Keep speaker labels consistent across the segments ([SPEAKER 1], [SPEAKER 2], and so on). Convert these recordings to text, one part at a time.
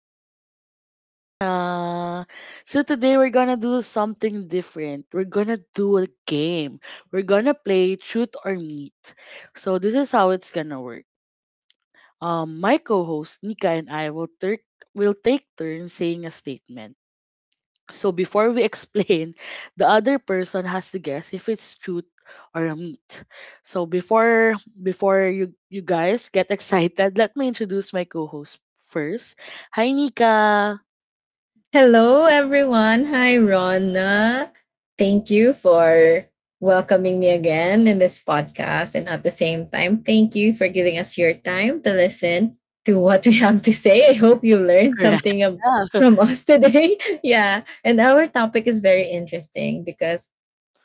[SPEAKER 1] yours truly, Rana. So today we're gonna do something different. We're gonna do a game. We're gonna play Truth or Meat. So this is how it's gonna work. My co-host Nika and I will will take turns saying a statement so before we explain, the other person has to guess if it's truth or a meat. So before you guys get excited, let me introduce my co-host first. Hi Nika.
[SPEAKER 2] Hello, everyone. Hi, Rona. Thank you for welcoming me again in this podcast. And at the same time, thank you for giving us your time to listen to what we have to say. I hope you learned
[SPEAKER 1] Correct.
[SPEAKER 2] something from us today. Yeah. And our topic is very interesting because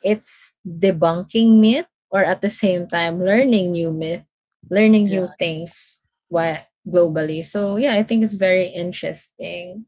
[SPEAKER 2] it's debunking myth or at the same time, learning new myth, learning
[SPEAKER 1] Yeah.
[SPEAKER 2] new things why globally. So, yeah, I think it's very interesting.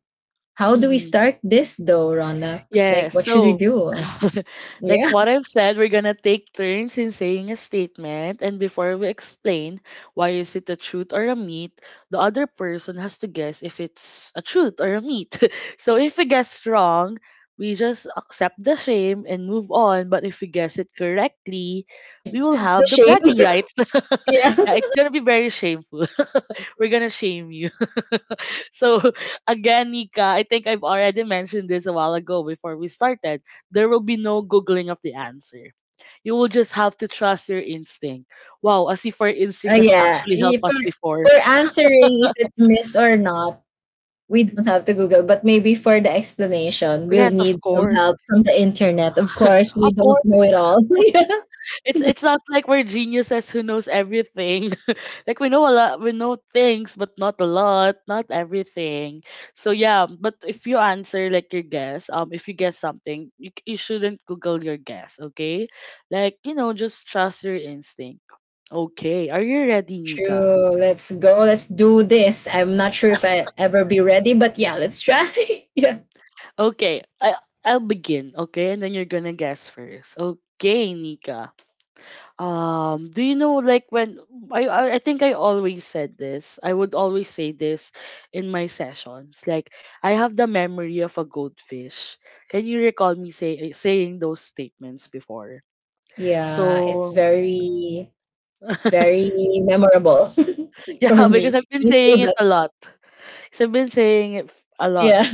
[SPEAKER 2] How do we
[SPEAKER 1] yeah.
[SPEAKER 2] start this though, Rana? Like,
[SPEAKER 1] Yeah,
[SPEAKER 2] what should we
[SPEAKER 1] so
[SPEAKER 2] do?
[SPEAKER 1] like
[SPEAKER 2] Yeah.
[SPEAKER 1] what I've said, we're gonna take turns in saying a statement, and before we explain why is it a truth or a myth, the other person has to guess if it's a truth or a myth. So if we guess wrong, we just accept the shame and move on. But if we guess it correctly, we will
[SPEAKER 2] The
[SPEAKER 1] have the
[SPEAKER 2] shame.
[SPEAKER 1] bragging rights.
[SPEAKER 2] Yeah.
[SPEAKER 1] Yeah, it's gonna be very shameful. We're gonna shame you. So again, Nika, I think I've already mentioned this a while ago before we started. There will be no googling of the answer. You will just have to trust your instinct. Wow, as if our instinct has
[SPEAKER 2] Yeah.
[SPEAKER 1] actually
[SPEAKER 2] y-
[SPEAKER 1] helped
[SPEAKER 2] For
[SPEAKER 1] us before.
[SPEAKER 2] for answering if it's myth or not, we don't have to Google. But maybe for the explanation, we'll
[SPEAKER 1] Yes, of
[SPEAKER 2] need some
[SPEAKER 1] course.
[SPEAKER 2] help from the internet. Of course, we
[SPEAKER 1] Of
[SPEAKER 2] don't
[SPEAKER 1] course.
[SPEAKER 2] know it all.
[SPEAKER 1] It's not like we're geniuses who knows everything. Like we know a lot, we know things, but not a lot, not everything. So yeah, but if you answer like your guess, if you guess something, you shouldn't Google your guess, okay? Like you know, just trust your instinct. Okay, are you ready, Nika?
[SPEAKER 2] True. Let's go. Let's do this. I'm not sure if I ever be ready, but yeah, let's try. Yeah.
[SPEAKER 1] Okay, I'll begin. Okay, and then you're gonna guess first. Okay, Nika. Do you know like when I think I always said this. I would always say this in my sessions. Like I have the memory of a goldfish. Can you recall me saying those statements before?
[SPEAKER 2] Yeah. It's
[SPEAKER 1] So
[SPEAKER 2] very it's very memorable
[SPEAKER 1] yeah,
[SPEAKER 2] for
[SPEAKER 1] because
[SPEAKER 2] me.
[SPEAKER 1] I've been saying it a lot. 'Cause I've been saying it a lot.
[SPEAKER 2] Yeah.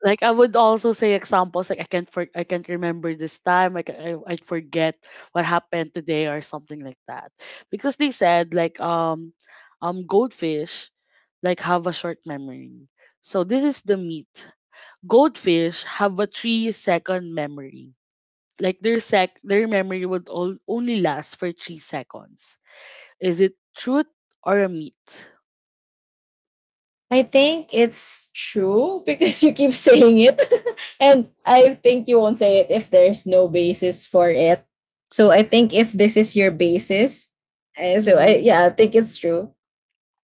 [SPEAKER 1] Like I would also say examples like I can't remember this time like I forget what happened today or something like that because they said like goldfish like have a short memory. So this is the myth: goldfish have a three second memory, like their memory would all only last for three seconds. Is it truth or a myth?
[SPEAKER 2] I think it's true because you keep saying it. And I think you won't say it if there's no basis for it. So I think if this is your basis, so I,
[SPEAKER 1] Mm-hmm.
[SPEAKER 2] yeah, I think it's true.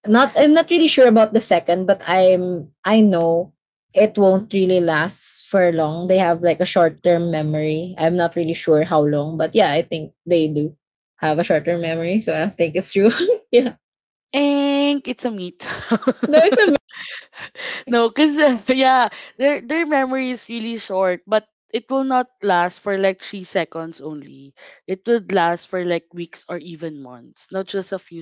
[SPEAKER 2] Not I'm not really sure about the second, but I know it won't really last for long. They have like a short-term memory. I'm not really sure how long, but yeah, I think they do have a short-term memory, so I think it's true. Yeah.
[SPEAKER 1] And it's a myth.
[SPEAKER 2] No, it's amazing.
[SPEAKER 1] No, cause yeah, their memory is really short, but it will not last for like three seconds only. It would last for like weeks or even months, not just a few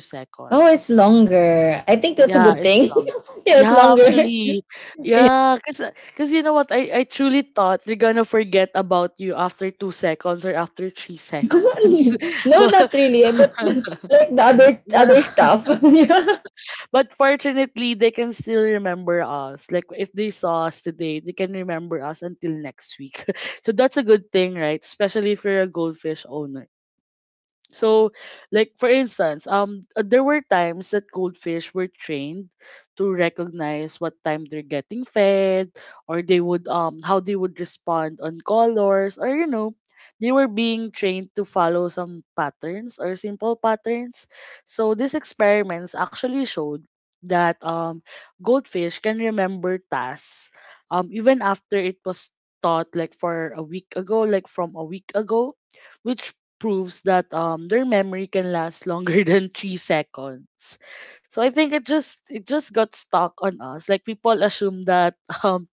[SPEAKER 2] Oh, it's
[SPEAKER 1] seconds.
[SPEAKER 2] longer. I think that's a
[SPEAKER 1] Yeah,
[SPEAKER 2] good
[SPEAKER 1] it's
[SPEAKER 2] thing.
[SPEAKER 1] long.
[SPEAKER 2] Yeah, it's
[SPEAKER 1] Yeah,
[SPEAKER 2] longer.
[SPEAKER 1] actually, yeah, cause cause you know what? I truly thought they're gonna forget about you after two seconds or after three seconds,
[SPEAKER 2] No,
[SPEAKER 1] but
[SPEAKER 2] not really, but like the other
[SPEAKER 1] but
[SPEAKER 2] other stuff. Yeah.
[SPEAKER 1] But fortunately, they can still remember us. Like if they saw us today, they can remember us until next week. So that's a good thing, right? Especially if you're a goldfish owner. So, like for instance, there were times that goldfish were trained to recognize what time they're getting fed, or they would how they would respond on colors, or you know, they were being trained to follow some patterns or simple patterns. So these experiments actually showed that goldfish can remember tasks even after it was taught like for a week ago, like from a week ago, which proves that their memory can last longer than three seconds. So I think it just got stuck on us. Like people assume that um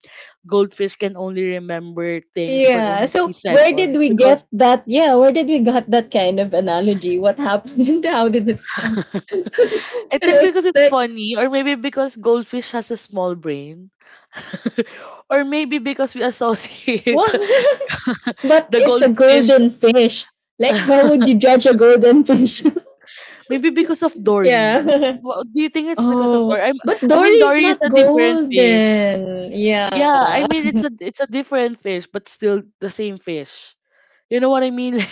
[SPEAKER 1] goldfish can only remember things for
[SPEAKER 2] Yeah.
[SPEAKER 1] only three
[SPEAKER 2] So where did
[SPEAKER 1] seconds
[SPEAKER 2] we
[SPEAKER 1] because
[SPEAKER 2] get that? Yeah, where did we got that kind of analogy? What happened? How did it start?
[SPEAKER 1] I think
[SPEAKER 2] Right?
[SPEAKER 1] because it's
[SPEAKER 2] Like
[SPEAKER 1] funny, or maybe because goldfish has a small brain, or maybe because we associate
[SPEAKER 2] what? But
[SPEAKER 1] the
[SPEAKER 2] it's a
[SPEAKER 1] goldfish.
[SPEAKER 2] golden fish. Like how would you judge a golden fish?
[SPEAKER 1] Maybe because of Dory.
[SPEAKER 2] Yeah.
[SPEAKER 1] Do you think it's because of Dory?
[SPEAKER 2] Oh, but
[SPEAKER 1] I mean,
[SPEAKER 2] Dory is
[SPEAKER 1] Dory is
[SPEAKER 2] not
[SPEAKER 1] a different fish.
[SPEAKER 2] golden. Yeah.
[SPEAKER 1] Yeah, I mean it's a different fish, but still the same fish. You know what I mean?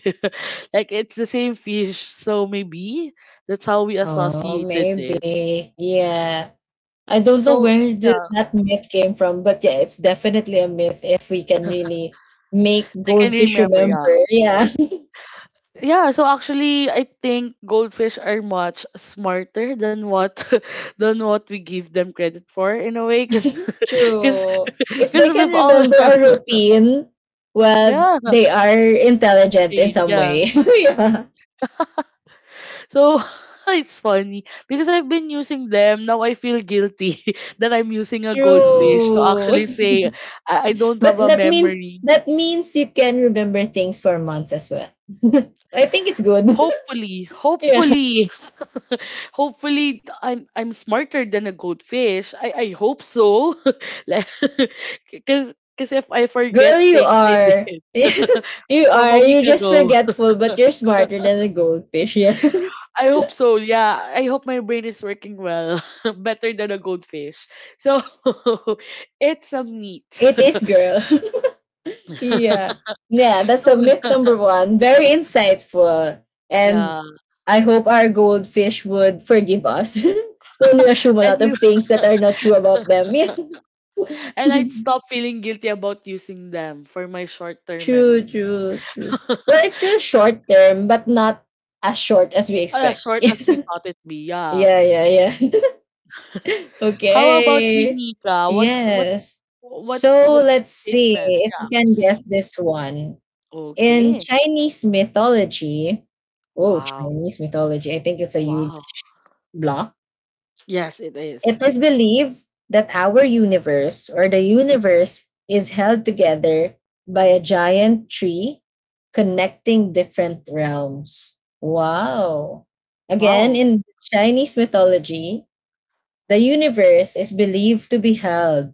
[SPEAKER 1] Like, like it's the same fish, so maybe that's how we
[SPEAKER 2] Oh,
[SPEAKER 1] associated
[SPEAKER 2] maybe.
[SPEAKER 1] it.
[SPEAKER 2] Yeah. I don't know
[SPEAKER 1] So
[SPEAKER 2] where the,
[SPEAKER 1] yeah,
[SPEAKER 2] that myth came from, but yeah, it's definitely a myth if we can really make
[SPEAKER 1] I can
[SPEAKER 2] goldfish
[SPEAKER 1] remember.
[SPEAKER 2] remember.
[SPEAKER 1] Yeah,
[SPEAKER 2] Yeah,
[SPEAKER 1] yeah. So actually, I think goldfish are much smarter than what than what we give them credit for in a way, because because
[SPEAKER 2] true. If they
[SPEAKER 1] because
[SPEAKER 2] can
[SPEAKER 1] we've all
[SPEAKER 2] remember a routine, well,
[SPEAKER 1] yeah
[SPEAKER 2] they are intelligent in
[SPEAKER 1] trained
[SPEAKER 2] some
[SPEAKER 1] yeah.
[SPEAKER 2] way. Yeah,
[SPEAKER 1] So it's funny because I've been using them. Now I feel guilty that I'm using a goldfish to actually
[SPEAKER 2] true.
[SPEAKER 1] say I don't
[SPEAKER 2] But
[SPEAKER 1] have a
[SPEAKER 2] that mean
[SPEAKER 1] memory.
[SPEAKER 2] that means you can remember things for months as well. I think it's good.
[SPEAKER 1] Hopefully,
[SPEAKER 2] Yeah.
[SPEAKER 1] hopefully, hopefully I am I'm smarter than a goldfish. I hope so. like, because if I forget
[SPEAKER 2] Girl, you
[SPEAKER 1] things I
[SPEAKER 2] are.
[SPEAKER 1] did
[SPEAKER 2] You
[SPEAKER 1] from
[SPEAKER 2] are.
[SPEAKER 1] a week
[SPEAKER 2] You're just
[SPEAKER 1] ago.
[SPEAKER 2] forgetful, but you're smarter than a goldfish. Yeah.
[SPEAKER 1] I hope so. Yeah, I hope my brain is working well, better than a goldfish. So, it's a meat.
[SPEAKER 2] It is, girl. Yeah. Yeah, that's a
[SPEAKER 1] So,
[SPEAKER 2] myth number one. Very insightful. And
[SPEAKER 1] yeah,
[SPEAKER 2] I hope our goldfish would forgive us when we assume a
[SPEAKER 1] and
[SPEAKER 2] lot
[SPEAKER 1] you
[SPEAKER 2] of things that are not true about them. Yeah.
[SPEAKER 1] and I'd stop feeling guilty about using them for my short-term
[SPEAKER 2] True,
[SPEAKER 1] memories.
[SPEAKER 2] true, true. Well, it's still short term, but not as short as we
[SPEAKER 1] As
[SPEAKER 2] expect.
[SPEAKER 1] short as we thought it be, yeah.
[SPEAKER 2] Yeah, yeah, yeah.
[SPEAKER 1] How about you,
[SPEAKER 2] Okay.
[SPEAKER 1] Nika? What's what's
[SPEAKER 2] Yes.
[SPEAKER 1] what
[SPEAKER 2] So
[SPEAKER 1] what's the
[SPEAKER 2] let's see
[SPEAKER 1] statement?
[SPEAKER 2] if you
[SPEAKER 1] Yeah.
[SPEAKER 2] can
[SPEAKER 1] hmm
[SPEAKER 2] guess this one. In
[SPEAKER 1] Okay.
[SPEAKER 2] Chinese mythology, oh,
[SPEAKER 1] Wow.
[SPEAKER 2] Chinese mythology, I think it's a huge
[SPEAKER 1] Wow.
[SPEAKER 2] block.
[SPEAKER 1] Yes, it
[SPEAKER 2] It
[SPEAKER 1] is.
[SPEAKER 2] is believed that our universe or the universe is held together by a giant tree connecting different realms. Wow. Again,
[SPEAKER 1] Wow.
[SPEAKER 2] in Chinese mythology, the universe is believed to be held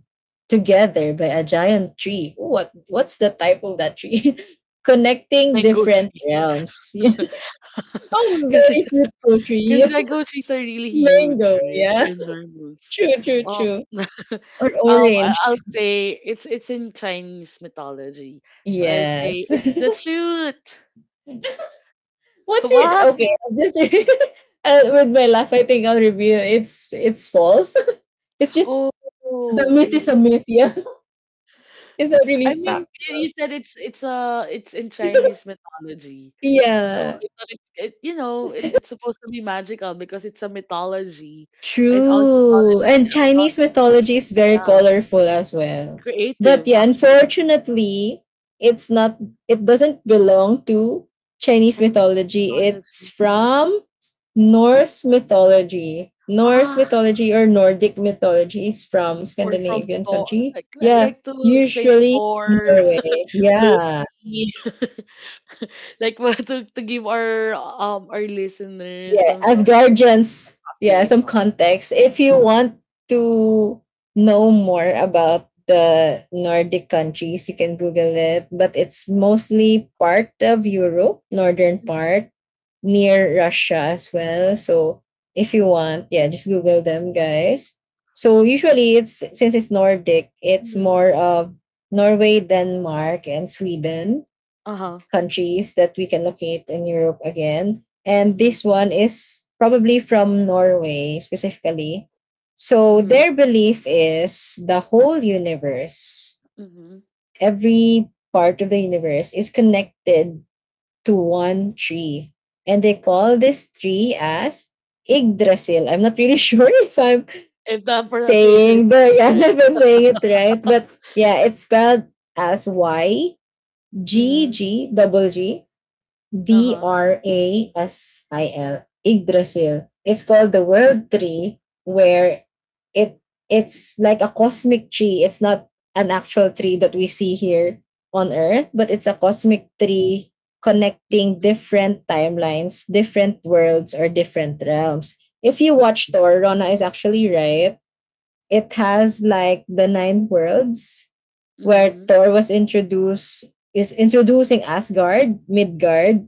[SPEAKER 2] together by a giant tree. Ooh. What's the type of that tree? Connecting
[SPEAKER 1] Mango
[SPEAKER 2] different
[SPEAKER 1] tree.
[SPEAKER 2] realms. Yeah. Oh,
[SPEAKER 1] Cause,
[SPEAKER 2] very fruitful tree.
[SPEAKER 1] because mango trees are really huge,
[SPEAKER 2] Mango,
[SPEAKER 1] right?
[SPEAKER 2] yeah.
[SPEAKER 1] They're enormous.
[SPEAKER 2] True, true,
[SPEAKER 1] Um,
[SPEAKER 2] true. Or
[SPEAKER 1] I-
[SPEAKER 2] orange.
[SPEAKER 1] I'll say it's in Chinese mythology, so I'd say
[SPEAKER 2] Yes.
[SPEAKER 1] it's the truth.
[SPEAKER 2] What's your
[SPEAKER 1] Why?
[SPEAKER 2] okay? I'll just with my laugh, I think I'll reveal it's false. It's just the
[SPEAKER 1] Oh,
[SPEAKER 2] myth is
[SPEAKER 1] really?
[SPEAKER 2] a myth, yeah. It's not really
[SPEAKER 1] I mean,
[SPEAKER 2] fact.
[SPEAKER 1] you said it's it's in Chinese mythology, so
[SPEAKER 2] Yeah.
[SPEAKER 1] I thought it's it, you know it, it's supposed to be magical because it's a mythology, and all mythology,
[SPEAKER 2] True. And Chinese mythology is very
[SPEAKER 1] yeah,
[SPEAKER 2] colorful as well. But
[SPEAKER 1] creative
[SPEAKER 2] yeah,
[SPEAKER 1] actually.
[SPEAKER 2] unfortunately, it's not it doesn't belong to Chinese
[SPEAKER 1] Chinese
[SPEAKER 2] mythology. It's
[SPEAKER 1] mythology.
[SPEAKER 2] from Norse mythology. Norse
[SPEAKER 1] Ah,
[SPEAKER 2] mythology or Nordic mythology is from
[SPEAKER 1] or from
[SPEAKER 2] Scandinavian
[SPEAKER 1] Thor.
[SPEAKER 2] country. Yeah,
[SPEAKER 1] Like to explain it
[SPEAKER 2] usually
[SPEAKER 1] more
[SPEAKER 2] Norway. Yeah.
[SPEAKER 1] Loki. Like what to give our listeners
[SPEAKER 2] Yeah,
[SPEAKER 1] some
[SPEAKER 2] as
[SPEAKER 1] sort of
[SPEAKER 2] guardians. Yeah, some
[SPEAKER 1] appreciation.
[SPEAKER 2] context if you want to know more about the Nordic countries, you can Google it, but it's mostly part of Europe, northern
[SPEAKER 1] Mm-hmm.
[SPEAKER 2] part, near Russia as well. So if you want, yeah, just Google them, guys. So usually, it's since it's Nordic, it's
[SPEAKER 1] mm-hmm.
[SPEAKER 2] more of Norway, Denmark, and Sweden.
[SPEAKER 1] Uh-huh.
[SPEAKER 2] Countries that we can locate in Europe again. And
[SPEAKER 1] Mm-hmm.
[SPEAKER 2] this one is probably from Norway specifically. So
[SPEAKER 1] Mm-hmm.
[SPEAKER 2] their belief is the whole universe,
[SPEAKER 1] Mm-hmm.
[SPEAKER 2] every part of the universe is connected to one tree. And they call this tree as Yggdrasil. I'm not really sure if I'm
[SPEAKER 1] If the pronunciation is
[SPEAKER 2] saying the
[SPEAKER 1] correct,
[SPEAKER 2] yeah,
[SPEAKER 1] right?
[SPEAKER 2] if I'm saying it right, but yeah, it's spelled as Y G
[SPEAKER 1] Mm-hmm.
[SPEAKER 2] G double G D
[SPEAKER 1] Uh-huh.
[SPEAKER 2] R A S I L, Yggdrasil. It's called the world tree where it it's like a cosmic tree. It's not an actual tree that we see here on earth, but it's a cosmic tree connecting
[SPEAKER 1] Mm-hmm.
[SPEAKER 2] different timelines, different worlds or different realms. If you watch Thor, Rona is actually right. It has like the nine worlds where
[SPEAKER 1] Mm-hmm.
[SPEAKER 2] Thor was introduced is introducing Asgard, Midgard,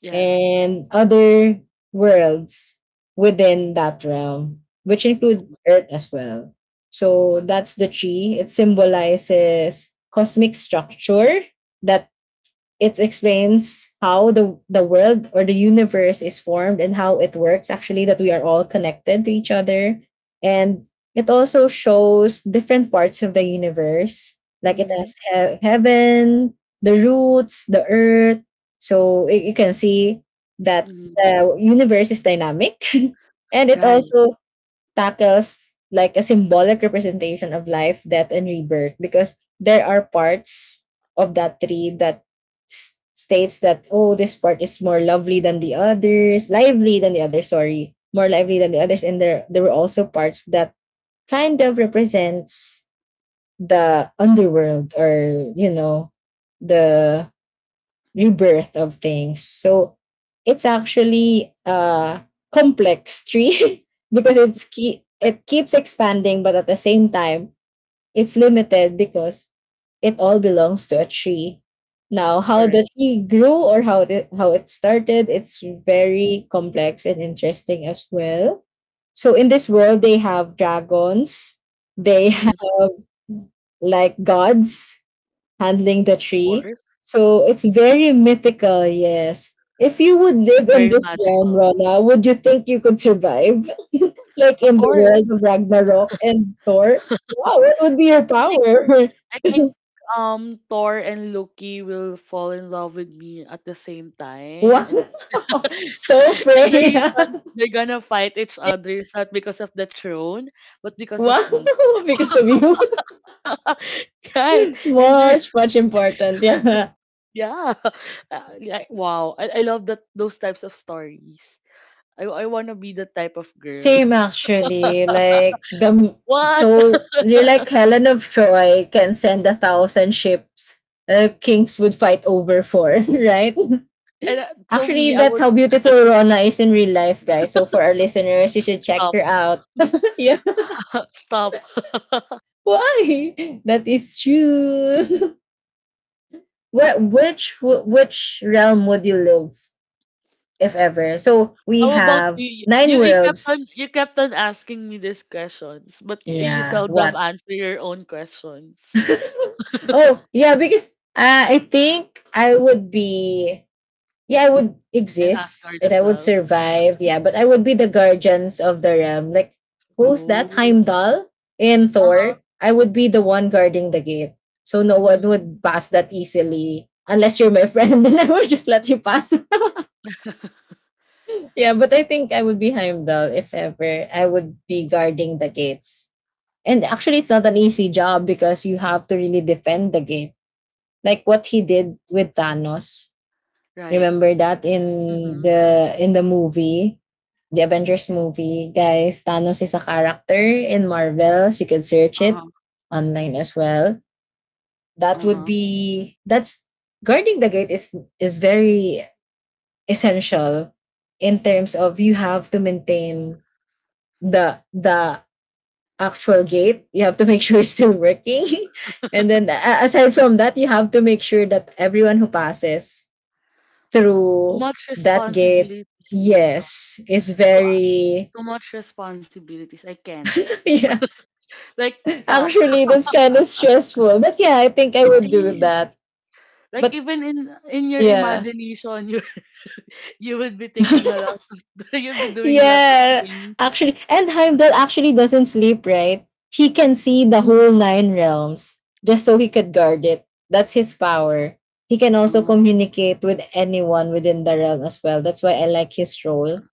[SPEAKER 1] Yes.
[SPEAKER 2] and other worlds within that realm, which include Earth as well. So that's the tree. It symbolizes cosmic structure that it explains how the world or the universe is formed and how it works, actually, that we are all connected to each other. And it also shows different parts of the universe, like it
[SPEAKER 1] Mm-hmm.
[SPEAKER 2] has heaven, the roots, the earth. So you can see that
[SPEAKER 1] Mm-hmm.
[SPEAKER 2] the universe is dynamic and it
[SPEAKER 1] Right.
[SPEAKER 2] also tackles like a symbolic representation of life, death, and rebirth because there are parts of that tree that states that oh, this part is more lovely than the others, lively than the others, sorry, more lively than the others, and there were also parts that kind of represents the underworld, or the rebirth of things. So it's actually a complex tree because it's key, it keeps expanding, but at the same time, it's limited because it all belongs to a tree. Now, how
[SPEAKER 1] Correct.
[SPEAKER 2] the tree grew or how it started, it's very complex and interesting as well. So in this world, they have dragons, they have
[SPEAKER 1] Mm-hmm. Of
[SPEAKER 2] like gods, handling the tree.
[SPEAKER 1] course.
[SPEAKER 2] So it's very mythical, yes. If you would live in
[SPEAKER 1] Very
[SPEAKER 2] this realm,
[SPEAKER 1] magical.
[SPEAKER 2] Rona, would you think you could survive? Like
[SPEAKER 1] Of
[SPEAKER 2] in the
[SPEAKER 1] course.
[SPEAKER 2] world of Ragnarok and Thor? Wow, what would be your
[SPEAKER 1] It
[SPEAKER 2] power?
[SPEAKER 1] I think Thor and Loki will fall in love with me at the same time.
[SPEAKER 2] Wow.
[SPEAKER 1] And,
[SPEAKER 2] So
[SPEAKER 1] and the
[SPEAKER 2] Freya.
[SPEAKER 1] reason they're gonna fight each other is not because of the throne, but because of
[SPEAKER 2] Wow.
[SPEAKER 1] me.
[SPEAKER 2] Because of you.
[SPEAKER 1] Right. And they're
[SPEAKER 2] Much, much important. Yeah.
[SPEAKER 1] yeah. Like wow. I love that those types of stories. I wanna be the type of girl.
[SPEAKER 2] Same actually, like
[SPEAKER 1] What?
[SPEAKER 2] so you're like Helen of Troy can send a thousand ships, kings would fight over for, right?
[SPEAKER 1] And, so
[SPEAKER 2] Actually,
[SPEAKER 1] me, I
[SPEAKER 2] that's
[SPEAKER 1] would
[SPEAKER 2] how beautiful Rona is in real life, guys. So for our listeners, you should check her
[SPEAKER 1] stop.
[SPEAKER 2] out. Yeah,
[SPEAKER 1] Stop.
[SPEAKER 2] why? That is true. Which realm would you live if ever? So we
[SPEAKER 1] How about
[SPEAKER 2] have
[SPEAKER 1] you?
[SPEAKER 2] nine
[SPEAKER 1] You,
[SPEAKER 2] worlds.
[SPEAKER 1] you kept on asking me these questions, but you
[SPEAKER 2] Yeah,
[SPEAKER 1] seldom
[SPEAKER 2] what?
[SPEAKER 1] answer your own questions
[SPEAKER 2] Oh yeah, because I think I would be, yeah, I would
[SPEAKER 1] and ask her
[SPEAKER 2] exist and I
[SPEAKER 1] as
[SPEAKER 2] would
[SPEAKER 1] well.
[SPEAKER 2] survive, yeah, but I would be the guardians of the realm. Like who's that
[SPEAKER 1] Oh,
[SPEAKER 2] Heimdall in
[SPEAKER 1] uh huh.
[SPEAKER 2] Thor? I would be the one guarding the gate, so no one would
[SPEAKER 1] mm
[SPEAKER 2] pass that easily unless you're my friend, then I would just let you pass. Yeah, but I think I would be Heimdall if ever. I would be guarding the gates. And actually, it's not an
[SPEAKER 1] Oh,
[SPEAKER 2] easy job because you have to really defend the gate. Like what he did with Thanos.
[SPEAKER 1] right.
[SPEAKER 2] Remember that in
[SPEAKER 1] Mm-hmm.
[SPEAKER 2] the movie, the Avengers movie, guys. Thanos is a character in Marvel. So you can search it
[SPEAKER 1] Uh-huh.
[SPEAKER 2] online as well. That would
[SPEAKER 1] Uh-huh.
[SPEAKER 2] be that's guarding the gate is very essential in terms of you have to maintain the actual gate. You have to make sure it's still working and then aside from that you have to make sure that everyone who passes
[SPEAKER 1] Too
[SPEAKER 2] through
[SPEAKER 1] much
[SPEAKER 2] that gate,
[SPEAKER 1] responsibilities, Nika.
[SPEAKER 2] yes, is
[SPEAKER 1] Too,
[SPEAKER 2] very
[SPEAKER 1] too much responsibilities. I can't.
[SPEAKER 2] yeah.
[SPEAKER 1] Like, stop.
[SPEAKER 2] Actually, that's kind of stressful. But yeah, I think I
[SPEAKER 1] It
[SPEAKER 2] would do
[SPEAKER 1] is.
[SPEAKER 2] that.
[SPEAKER 1] Like
[SPEAKER 2] But
[SPEAKER 1] even in your
[SPEAKER 2] yeah,
[SPEAKER 1] imagination, you you would be taking a lot of you'd be doing a lot of
[SPEAKER 2] yeah.
[SPEAKER 1] things.
[SPEAKER 2] Actually, and Heimdall actually doesn't sleep, right? He can see the
[SPEAKER 1] Mm-hmm.
[SPEAKER 2] whole nine realms just so he could guard it. That's his power. He can also
[SPEAKER 1] Oh,
[SPEAKER 2] communicate with anyone within the realm as well. That's why I like his role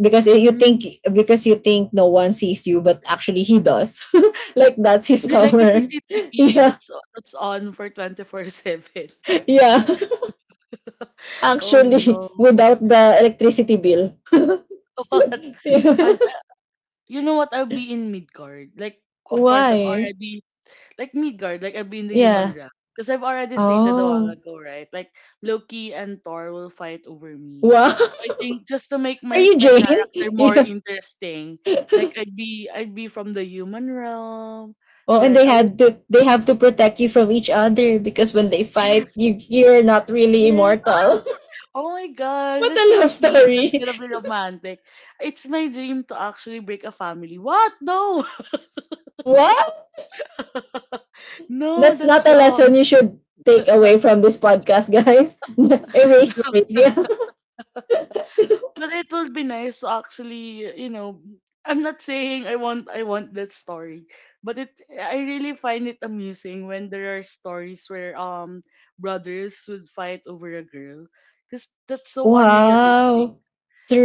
[SPEAKER 2] because you
[SPEAKER 1] hmm.
[SPEAKER 2] think because you think no one sees you but actually he does. Like that's
[SPEAKER 1] You're
[SPEAKER 2] his
[SPEAKER 1] like a
[SPEAKER 2] power.
[SPEAKER 1] CCTV
[SPEAKER 2] Yeah,
[SPEAKER 1] that's on for 24/7.
[SPEAKER 2] yeah.
[SPEAKER 1] Oh
[SPEAKER 2] Actually,
[SPEAKER 1] no.
[SPEAKER 2] without the electricity bill.
[SPEAKER 1] But
[SPEAKER 2] Yeah.
[SPEAKER 1] I You know what? I'll be in Midgard. Like of course I've
[SPEAKER 2] Why,
[SPEAKER 1] already like Midgard, like I've been the human
[SPEAKER 2] yeah.
[SPEAKER 1] rack. Because I've already stated a while
[SPEAKER 2] Oh,
[SPEAKER 1] ago, right? Like Loki and Thor will fight over me.
[SPEAKER 2] wow.
[SPEAKER 1] So I think just to make
[SPEAKER 2] Are you
[SPEAKER 1] my
[SPEAKER 2] Jane?
[SPEAKER 1] character more
[SPEAKER 2] Yeah.
[SPEAKER 1] interesting, like I'd be from the human realm.
[SPEAKER 2] Oh, and
[SPEAKER 1] Then
[SPEAKER 2] they
[SPEAKER 1] I would
[SPEAKER 2] had to they have to protect you from each other because when they fight,
[SPEAKER 1] yes,
[SPEAKER 2] you're not really
[SPEAKER 1] yes.
[SPEAKER 2] immortal.
[SPEAKER 1] Oh my gosh,
[SPEAKER 2] What
[SPEAKER 1] that's
[SPEAKER 2] a
[SPEAKER 1] so
[SPEAKER 2] love
[SPEAKER 1] sweet. That's
[SPEAKER 2] story.
[SPEAKER 1] gonna be romantic. It's my dream to actually break a family. What? No,
[SPEAKER 2] Wow,
[SPEAKER 1] no,
[SPEAKER 2] that's not
[SPEAKER 1] that's
[SPEAKER 2] a
[SPEAKER 1] wrong.
[SPEAKER 2] lesson you should take away from this podcast, guys. Erase, erase, yeah.
[SPEAKER 1] But it will be nice to actually, you know, I'm not saying I want that story, but it I really find it amusing when there are stories where brothers would fight over a girl, because that's so unrealistic.
[SPEAKER 2] Wow.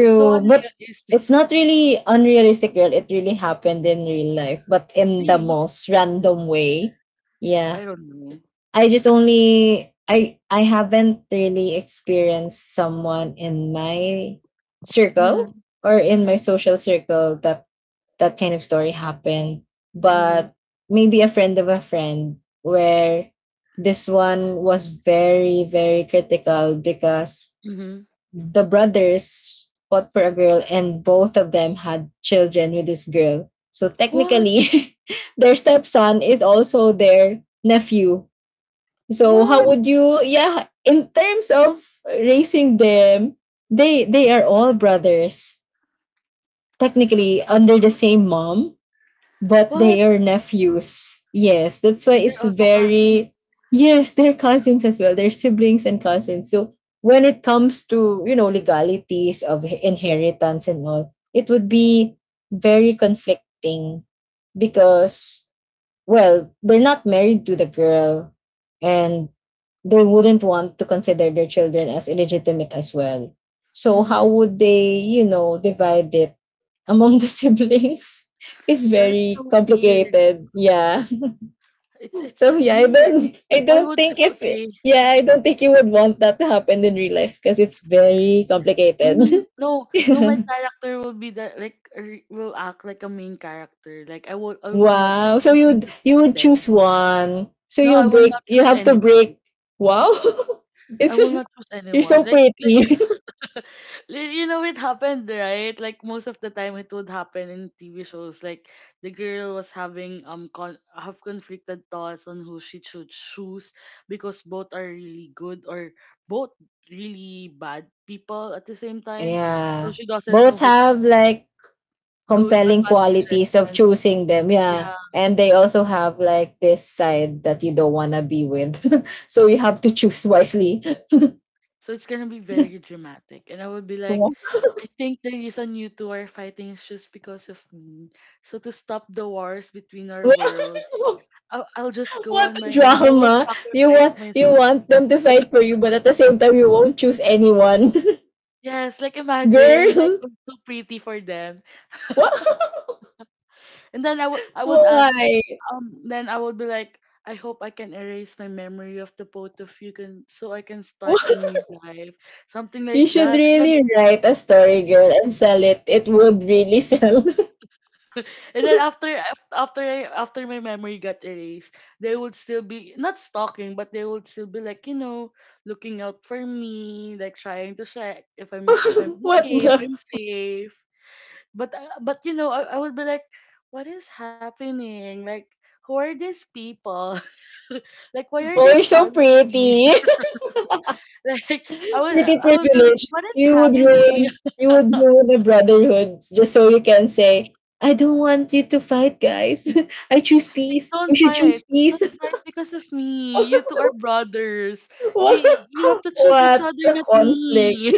[SPEAKER 1] It's so
[SPEAKER 2] But
[SPEAKER 1] unrealistic.
[SPEAKER 2] it's not really unrealistic, girl. It really happened in real life, but in the
[SPEAKER 1] Really,
[SPEAKER 2] most random way. Yeah.
[SPEAKER 1] I don't know.
[SPEAKER 2] I just only I haven't really experienced someone in my
[SPEAKER 1] Mm-hmm,
[SPEAKER 2] circle or in my
[SPEAKER 1] mm-hmm,
[SPEAKER 2] social circle that that kind of story happened.
[SPEAKER 1] mm-hmm,
[SPEAKER 2] But maybe a friend of a friend where this one was very, very critical because
[SPEAKER 1] mm-hmm.
[SPEAKER 2] the brothers fought for a girl and both of them had children with this girl. So
[SPEAKER 1] What?
[SPEAKER 2] technically, their stepson is also their nephew. So how
[SPEAKER 1] What?
[SPEAKER 2] would you, yeah, in terms of raising them, they are all brothers, technically under the
[SPEAKER 1] What?
[SPEAKER 2] same mom, but they are nephews. Yes, that's why
[SPEAKER 1] And they're
[SPEAKER 2] it's
[SPEAKER 1] also cousins.
[SPEAKER 2] very... Yes, they're cousins as well. They're siblings and cousins. So when it comes to, you know, legalities of inheritance and all, it would be very conflicting because, well, they're not married to the girl, and they wouldn't want to consider their children as illegitimate as well. So how
[SPEAKER 1] Mm-hmm.
[SPEAKER 2] would they, you know, divide it among the siblings? It's
[SPEAKER 1] That is
[SPEAKER 2] very
[SPEAKER 1] so weird.
[SPEAKER 2] complicated. Yeah. So
[SPEAKER 1] It's
[SPEAKER 2] yeah, I
[SPEAKER 1] weird.
[SPEAKER 2] don't I
[SPEAKER 1] Why
[SPEAKER 2] don't
[SPEAKER 1] would
[SPEAKER 2] think if it,
[SPEAKER 1] okay?
[SPEAKER 2] yeah, I don't think you would want that to happen in real life because it's very
[SPEAKER 1] I
[SPEAKER 2] complicated.
[SPEAKER 1] mean, no, no. My character will be that like will act like a main character. Like I will not
[SPEAKER 2] Wow.
[SPEAKER 1] choose
[SPEAKER 2] So
[SPEAKER 1] between
[SPEAKER 2] you
[SPEAKER 1] the two
[SPEAKER 2] you
[SPEAKER 1] of
[SPEAKER 2] would
[SPEAKER 1] them.
[SPEAKER 2] choose one. So
[SPEAKER 1] No, I
[SPEAKER 2] you'll
[SPEAKER 1] will
[SPEAKER 2] break.
[SPEAKER 1] not
[SPEAKER 2] You
[SPEAKER 1] choose
[SPEAKER 2] have to
[SPEAKER 1] anyone.
[SPEAKER 2] break. Wow.
[SPEAKER 1] I
[SPEAKER 2] It's...
[SPEAKER 1] will not choose
[SPEAKER 2] you're
[SPEAKER 1] anyone.
[SPEAKER 2] so pretty.
[SPEAKER 1] You know it happened right like most of the time it would happen in tv shows like the girl was having have conflicted thoughts on who she should choose because both are really good or both really bad people at the same time so
[SPEAKER 2] Yeah.
[SPEAKER 1] she doesn't know
[SPEAKER 2] Both
[SPEAKER 1] who
[SPEAKER 2] have like
[SPEAKER 1] good
[SPEAKER 2] compelling
[SPEAKER 1] advantages
[SPEAKER 2] qualities of
[SPEAKER 1] and
[SPEAKER 2] choosing them. Yeah.
[SPEAKER 1] yeah
[SPEAKER 2] And they also have like this side that you don't wanna be with. So you have to choose wisely.
[SPEAKER 1] so it's gonna be very dramatic and I would be like
[SPEAKER 2] Wow.
[SPEAKER 1] I think the reason you two are fighting is just because of me so to stop the wars between our worlds I'll just go
[SPEAKER 2] What
[SPEAKER 1] on
[SPEAKER 2] a
[SPEAKER 1] my own. I will
[SPEAKER 2] drama. You
[SPEAKER 1] sacrifice
[SPEAKER 2] want you
[SPEAKER 1] myself.
[SPEAKER 2] want them to fight for you, but at the same time you won't choose anyone.
[SPEAKER 1] Yes, like imagine, like
[SPEAKER 2] Girl.
[SPEAKER 1] I'm too pretty for them. And then I would
[SPEAKER 2] Why?
[SPEAKER 1] ask, then I would be like, I hope I can erase my memory of the both of you can so I can start a new life, something
[SPEAKER 2] You
[SPEAKER 1] like
[SPEAKER 2] should
[SPEAKER 1] that. And then
[SPEAKER 2] really write a story, girl, and sell it. It would really sell.
[SPEAKER 1] and then after af- after I, after my memory got erased, they would still be not stalking, but they would still be like looking out for me, like trying to check if I'm
[SPEAKER 2] What
[SPEAKER 1] okay, if
[SPEAKER 2] the?
[SPEAKER 1] I'm safe. But I- but you know I would be like what is happening, like who are these people. Like why are they
[SPEAKER 2] Oh, you're so
[SPEAKER 1] following me.
[SPEAKER 2] pretty.
[SPEAKER 1] like i would
[SPEAKER 2] Pretty
[SPEAKER 1] I would be like
[SPEAKER 2] privilege.
[SPEAKER 1] what is
[SPEAKER 2] You would
[SPEAKER 1] happening.
[SPEAKER 2] ruin. You would ruin the brotherhood just so you can say, "I don't want you to fight, guys. I choose
[SPEAKER 1] Please
[SPEAKER 2] peace.
[SPEAKER 1] don't
[SPEAKER 2] We should
[SPEAKER 1] fight.
[SPEAKER 2] choose peace."
[SPEAKER 1] Don't fight because of me, you two are brothers. you
[SPEAKER 2] What?
[SPEAKER 1] you have to choose each
[SPEAKER 2] What
[SPEAKER 1] other,
[SPEAKER 2] the
[SPEAKER 1] not
[SPEAKER 2] conflict?
[SPEAKER 1] me.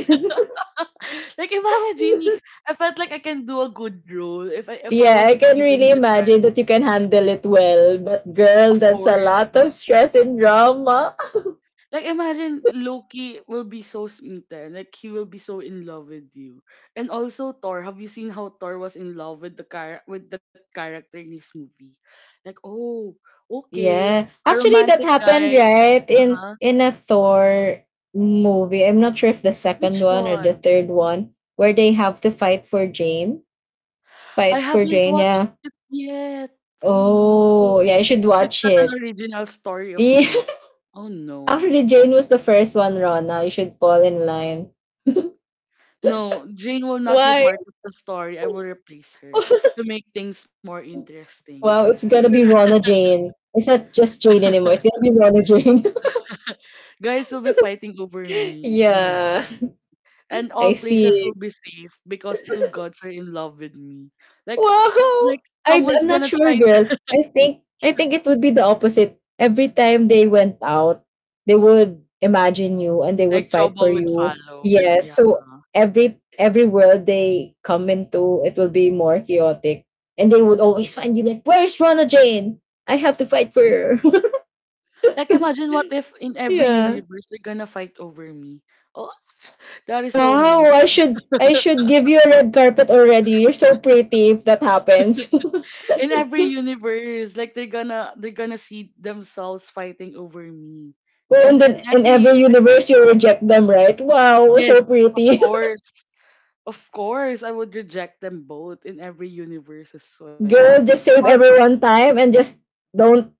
[SPEAKER 1] like imagine you- I felt like I can do a good role if I
[SPEAKER 2] Yeah,
[SPEAKER 1] was
[SPEAKER 2] I can
[SPEAKER 1] given the
[SPEAKER 2] really
[SPEAKER 1] chance,
[SPEAKER 2] imagine that you can handle it well. But
[SPEAKER 1] of
[SPEAKER 2] girl, that's a
[SPEAKER 1] course.
[SPEAKER 2] lot of stress and drama.
[SPEAKER 1] Like, imagine Loki will be so smitten, like he will be so in love with you. And also Thor, have you seen how Thor was in love with the car with the character in his movie? Like, oh, okay,
[SPEAKER 2] Yeah.
[SPEAKER 1] a
[SPEAKER 2] Actually that
[SPEAKER 1] romantic
[SPEAKER 2] happened
[SPEAKER 1] guy.
[SPEAKER 2] right in
[SPEAKER 1] Uh-huh.
[SPEAKER 2] in a Thor movie. I'm not sure if the second
[SPEAKER 1] Which
[SPEAKER 2] one or the
[SPEAKER 1] one?
[SPEAKER 2] third one where they have to fight for Jane.
[SPEAKER 1] I
[SPEAKER 2] Fight for
[SPEAKER 1] haven't
[SPEAKER 2] Jane,
[SPEAKER 1] watched
[SPEAKER 2] yeah.
[SPEAKER 1] it yet. Oh no.
[SPEAKER 2] Oh, yeah, you should
[SPEAKER 1] So it's not
[SPEAKER 2] watch
[SPEAKER 1] an
[SPEAKER 2] it.
[SPEAKER 1] original story of
[SPEAKER 2] Yeah.
[SPEAKER 1] me. Oh no.
[SPEAKER 2] Actually Jane was the first one, Rona. You should fall in line.
[SPEAKER 1] No, Jane will not be
[SPEAKER 2] Why?
[SPEAKER 1] part of the story. I will replace her to make things more interesting.
[SPEAKER 2] Wow, it's
[SPEAKER 1] I'm
[SPEAKER 2] gonna
[SPEAKER 1] gonna
[SPEAKER 2] be Rona Jane. It's not just Jane anymore. It's gonna be Rona Jane.
[SPEAKER 1] guys will be fighting over me, you know.
[SPEAKER 2] Yeah.
[SPEAKER 1] And all
[SPEAKER 2] I
[SPEAKER 1] places will
[SPEAKER 2] see.
[SPEAKER 1] be safe because two gods are in love with me. Like
[SPEAKER 2] Wow.
[SPEAKER 1] like
[SPEAKER 2] I,
[SPEAKER 1] someone's
[SPEAKER 2] I'm
[SPEAKER 1] gonna
[SPEAKER 2] not
[SPEAKER 1] try
[SPEAKER 2] sure,
[SPEAKER 1] to
[SPEAKER 2] girl. I think it would be the opposite. Every time they went out, they would imagine you and they
[SPEAKER 1] like
[SPEAKER 2] would fight
[SPEAKER 1] trouble
[SPEAKER 2] for
[SPEAKER 1] would
[SPEAKER 2] you.
[SPEAKER 1] follow.
[SPEAKER 2] Yes.
[SPEAKER 1] Yeah.
[SPEAKER 2] So every world they come into, it will be more chaotic. And they would always find you like, where's Rona Jane? I have to fight for her.
[SPEAKER 1] Like, imagine what if in every
[SPEAKER 2] Yeah.
[SPEAKER 1] universe they're gonna fight over me. Oh, that is so
[SPEAKER 2] Wow, I
[SPEAKER 1] amazing.
[SPEAKER 2] should I should give you a red carpet already. You're so pretty if that happens.
[SPEAKER 1] In every universe, like they're gonna see themselves fighting over me.
[SPEAKER 2] Well,
[SPEAKER 1] And
[SPEAKER 2] and
[SPEAKER 1] in
[SPEAKER 2] then in every
[SPEAKER 1] every
[SPEAKER 2] universe, you reject them, right? Wow,
[SPEAKER 1] Yes,
[SPEAKER 2] so
[SPEAKER 1] of
[SPEAKER 2] pretty.
[SPEAKER 1] course. Of course, I would reject them both in every universe as well.
[SPEAKER 2] Girl, just
[SPEAKER 1] Or
[SPEAKER 2] save everyone time and just don't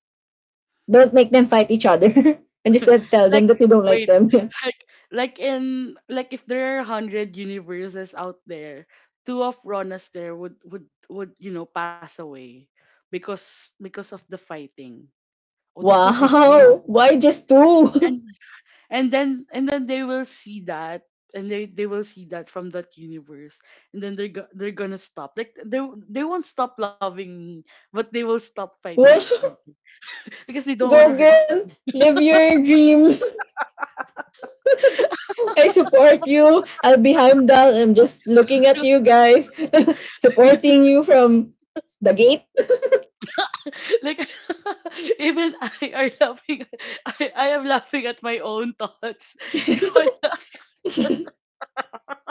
[SPEAKER 2] don't make them fight each other. And just let- tell
[SPEAKER 1] like
[SPEAKER 2] them that you don't like
[SPEAKER 1] wait,
[SPEAKER 2] them.
[SPEAKER 1] like like if there are hundred universes out there, two of Ronas there would you know pass away because of the fighting. Oh, that would be very
[SPEAKER 2] Wow, why
[SPEAKER 1] dramatic.
[SPEAKER 2] just
[SPEAKER 1] and.
[SPEAKER 2] two?
[SPEAKER 1] And then they will see that and they will see that from that universe, and then they're gonna stop, like they won't stop loving me, but they will stop fighting each other
[SPEAKER 2] Wow.
[SPEAKER 1] because they don't want to
[SPEAKER 2] Go,
[SPEAKER 1] hurt.
[SPEAKER 2] girl. Live your dreams. I support you. I'll be Heimdall. I'm just looking at you guys, supporting you from the gate.
[SPEAKER 1] Like, even I are laughing. I am laughing at my own thoughts.
[SPEAKER 2] It's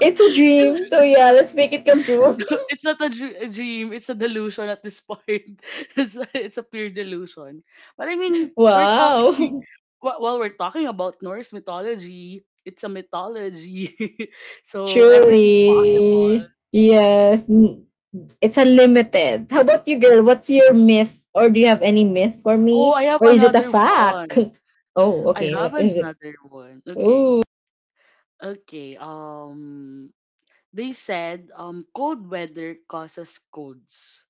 [SPEAKER 2] a
[SPEAKER 1] Because
[SPEAKER 2] dream. So yeah, let's make it come true.
[SPEAKER 1] it's not a dream. It's a delusion at this point. It's a pure delusion. But I mean, we're talking
[SPEAKER 2] Wow.
[SPEAKER 1] while we're talking about Norse mythology. It's a mythology, so everything's possible.
[SPEAKER 2] Truly. Yes. N- it's unlimited. How about you, girl? What's your myth? Or do you have any myth for
[SPEAKER 1] Oh,
[SPEAKER 2] me?
[SPEAKER 1] I have
[SPEAKER 2] Or is it a
[SPEAKER 1] another
[SPEAKER 2] fact?
[SPEAKER 1] one.
[SPEAKER 2] Oh,
[SPEAKER 1] I
[SPEAKER 2] okay.
[SPEAKER 1] have
[SPEAKER 2] What is it?
[SPEAKER 1] another one. Okay,
[SPEAKER 2] Ooh.
[SPEAKER 1] okay. They said cold weather causes colds.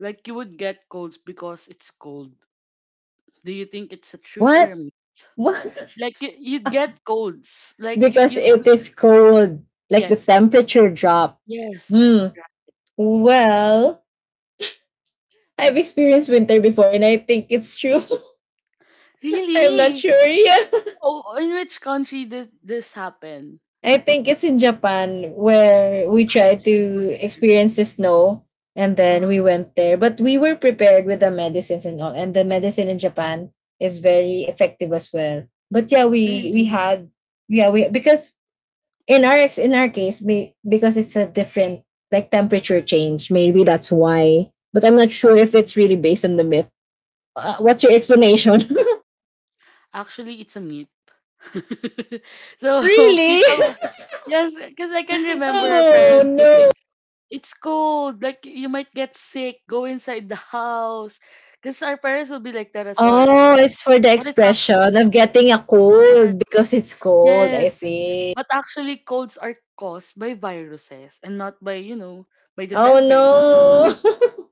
[SPEAKER 1] Like you would get colds because it's cold. Do you think it's a truth or a
[SPEAKER 2] What?
[SPEAKER 1] myth?
[SPEAKER 2] What?
[SPEAKER 1] Like you'd get colds. Like
[SPEAKER 2] Because
[SPEAKER 1] you,
[SPEAKER 2] it is cold. Like the
[SPEAKER 1] yes.
[SPEAKER 2] temperature drop.
[SPEAKER 1] Yes.
[SPEAKER 2] Hmm. Well, I've experienced winter before and I think it's true. I'm not
[SPEAKER 1] Really?
[SPEAKER 2] sure yet.
[SPEAKER 1] Oh, in which country did this happen?
[SPEAKER 2] I think it's in Japan where we
[SPEAKER 1] At
[SPEAKER 2] tried to
[SPEAKER 1] Switzerland.
[SPEAKER 2] experience the snow and then
[SPEAKER 1] Uh,
[SPEAKER 2] we went there. But we were prepared with the medicines and all, and the medicine in Japan is very effective as well. But yeah, we
[SPEAKER 1] really?
[SPEAKER 2] had... yeah, we because in our case, we, because it's a different like temperature change, maybe that's why. But I'm not sure if
[SPEAKER 1] Mm.
[SPEAKER 2] it's really based on the myth. What's your explanation?
[SPEAKER 1] Actually, it's a myth. So
[SPEAKER 2] Really?
[SPEAKER 1] people, yes, because I can remember our
[SPEAKER 2] Oh
[SPEAKER 1] parents would say,
[SPEAKER 2] no!
[SPEAKER 1] "It's cold. Like you might get sick. Go inside the house." Because our parents would be like that as well, right?
[SPEAKER 2] Oh, it's for the
[SPEAKER 1] But it's actually
[SPEAKER 2] expression of getting a
[SPEAKER 1] yes.
[SPEAKER 2] cold because it's cold. I
[SPEAKER 1] Yes.
[SPEAKER 2] see.
[SPEAKER 1] But actually, colds are caused by viruses and not by, you know, by the
[SPEAKER 2] Oh
[SPEAKER 1] temperature.
[SPEAKER 2] no.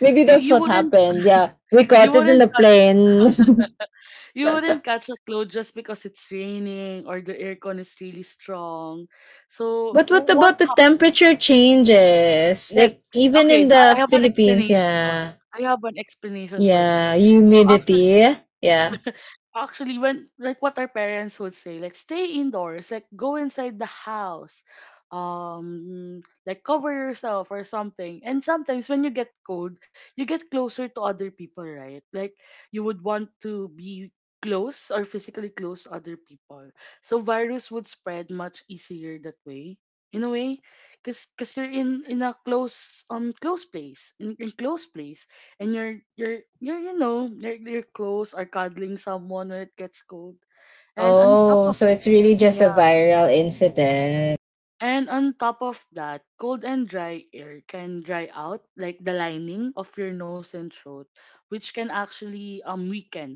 [SPEAKER 2] Maybe
[SPEAKER 1] You
[SPEAKER 2] that's
[SPEAKER 1] you
[SPEAKER 2] what
[SPEAKER 1] wouldn't,
[SPEAKER 2] happened. Yeah, we
[SPEAKER 1] you
[SPEAKER 2] caught it in
[SPEAKER 1] wouldn't
[SPEAKER 2] the
[SPEAKER 1] catch,
[SPEAKER 2] plane.
[SPEAKER 1] you wouldn't catch a cold just because it's raining or the aircon is really strong. So
[SPEAKER 2] But
[SPEAKER 1] wh-
[SPEAKER 2] what
[SPEAKER 1] what
[SPEAKER 2] about the
[SPEAKER 1] happens?
[SPEAKER 2] temperature changes?
[SPEAKER 1] Yes.
[SPEAKER 2] Like even in
[SPEAKER 1] Okay, I
[SPEAKER 2] the
[SPEAKER 1] have an
[SPEAKER 2] Philippines,
[SPEAKER 1] explanation.
[SPEAKER 2] yeah.
[SPEAKER 1] I have an explanation for that.
[SPEAKER 2] Yeah,
[SPEAKER 1] So actually,
[SPEAKER 2] humidity. Yeah.
[SPEAKER 1] actually, when like what our parents would say, like stay indoors, like go inside the house, like cover yourself or something, and sometimes when you get cold you get closer to other people, right? Like you would want to be close or physically close to other people, so virus would spread much easier that way, in a way, because 'cause you're in a close close place, in close place, and you're you know you're close or cuddling someone when it gets cold. And on top
[SPEAKER 2] Oh,
[SPEAKER 1] of
[SPEAKER 2] so it's really just a
[SPEAKER 1] yeah,
[SPEAKER 2] viral incident.
[SPEAKER 1] and on top of that, cold and dry air can dry out like the lining of your nose and throat, which can actually weaken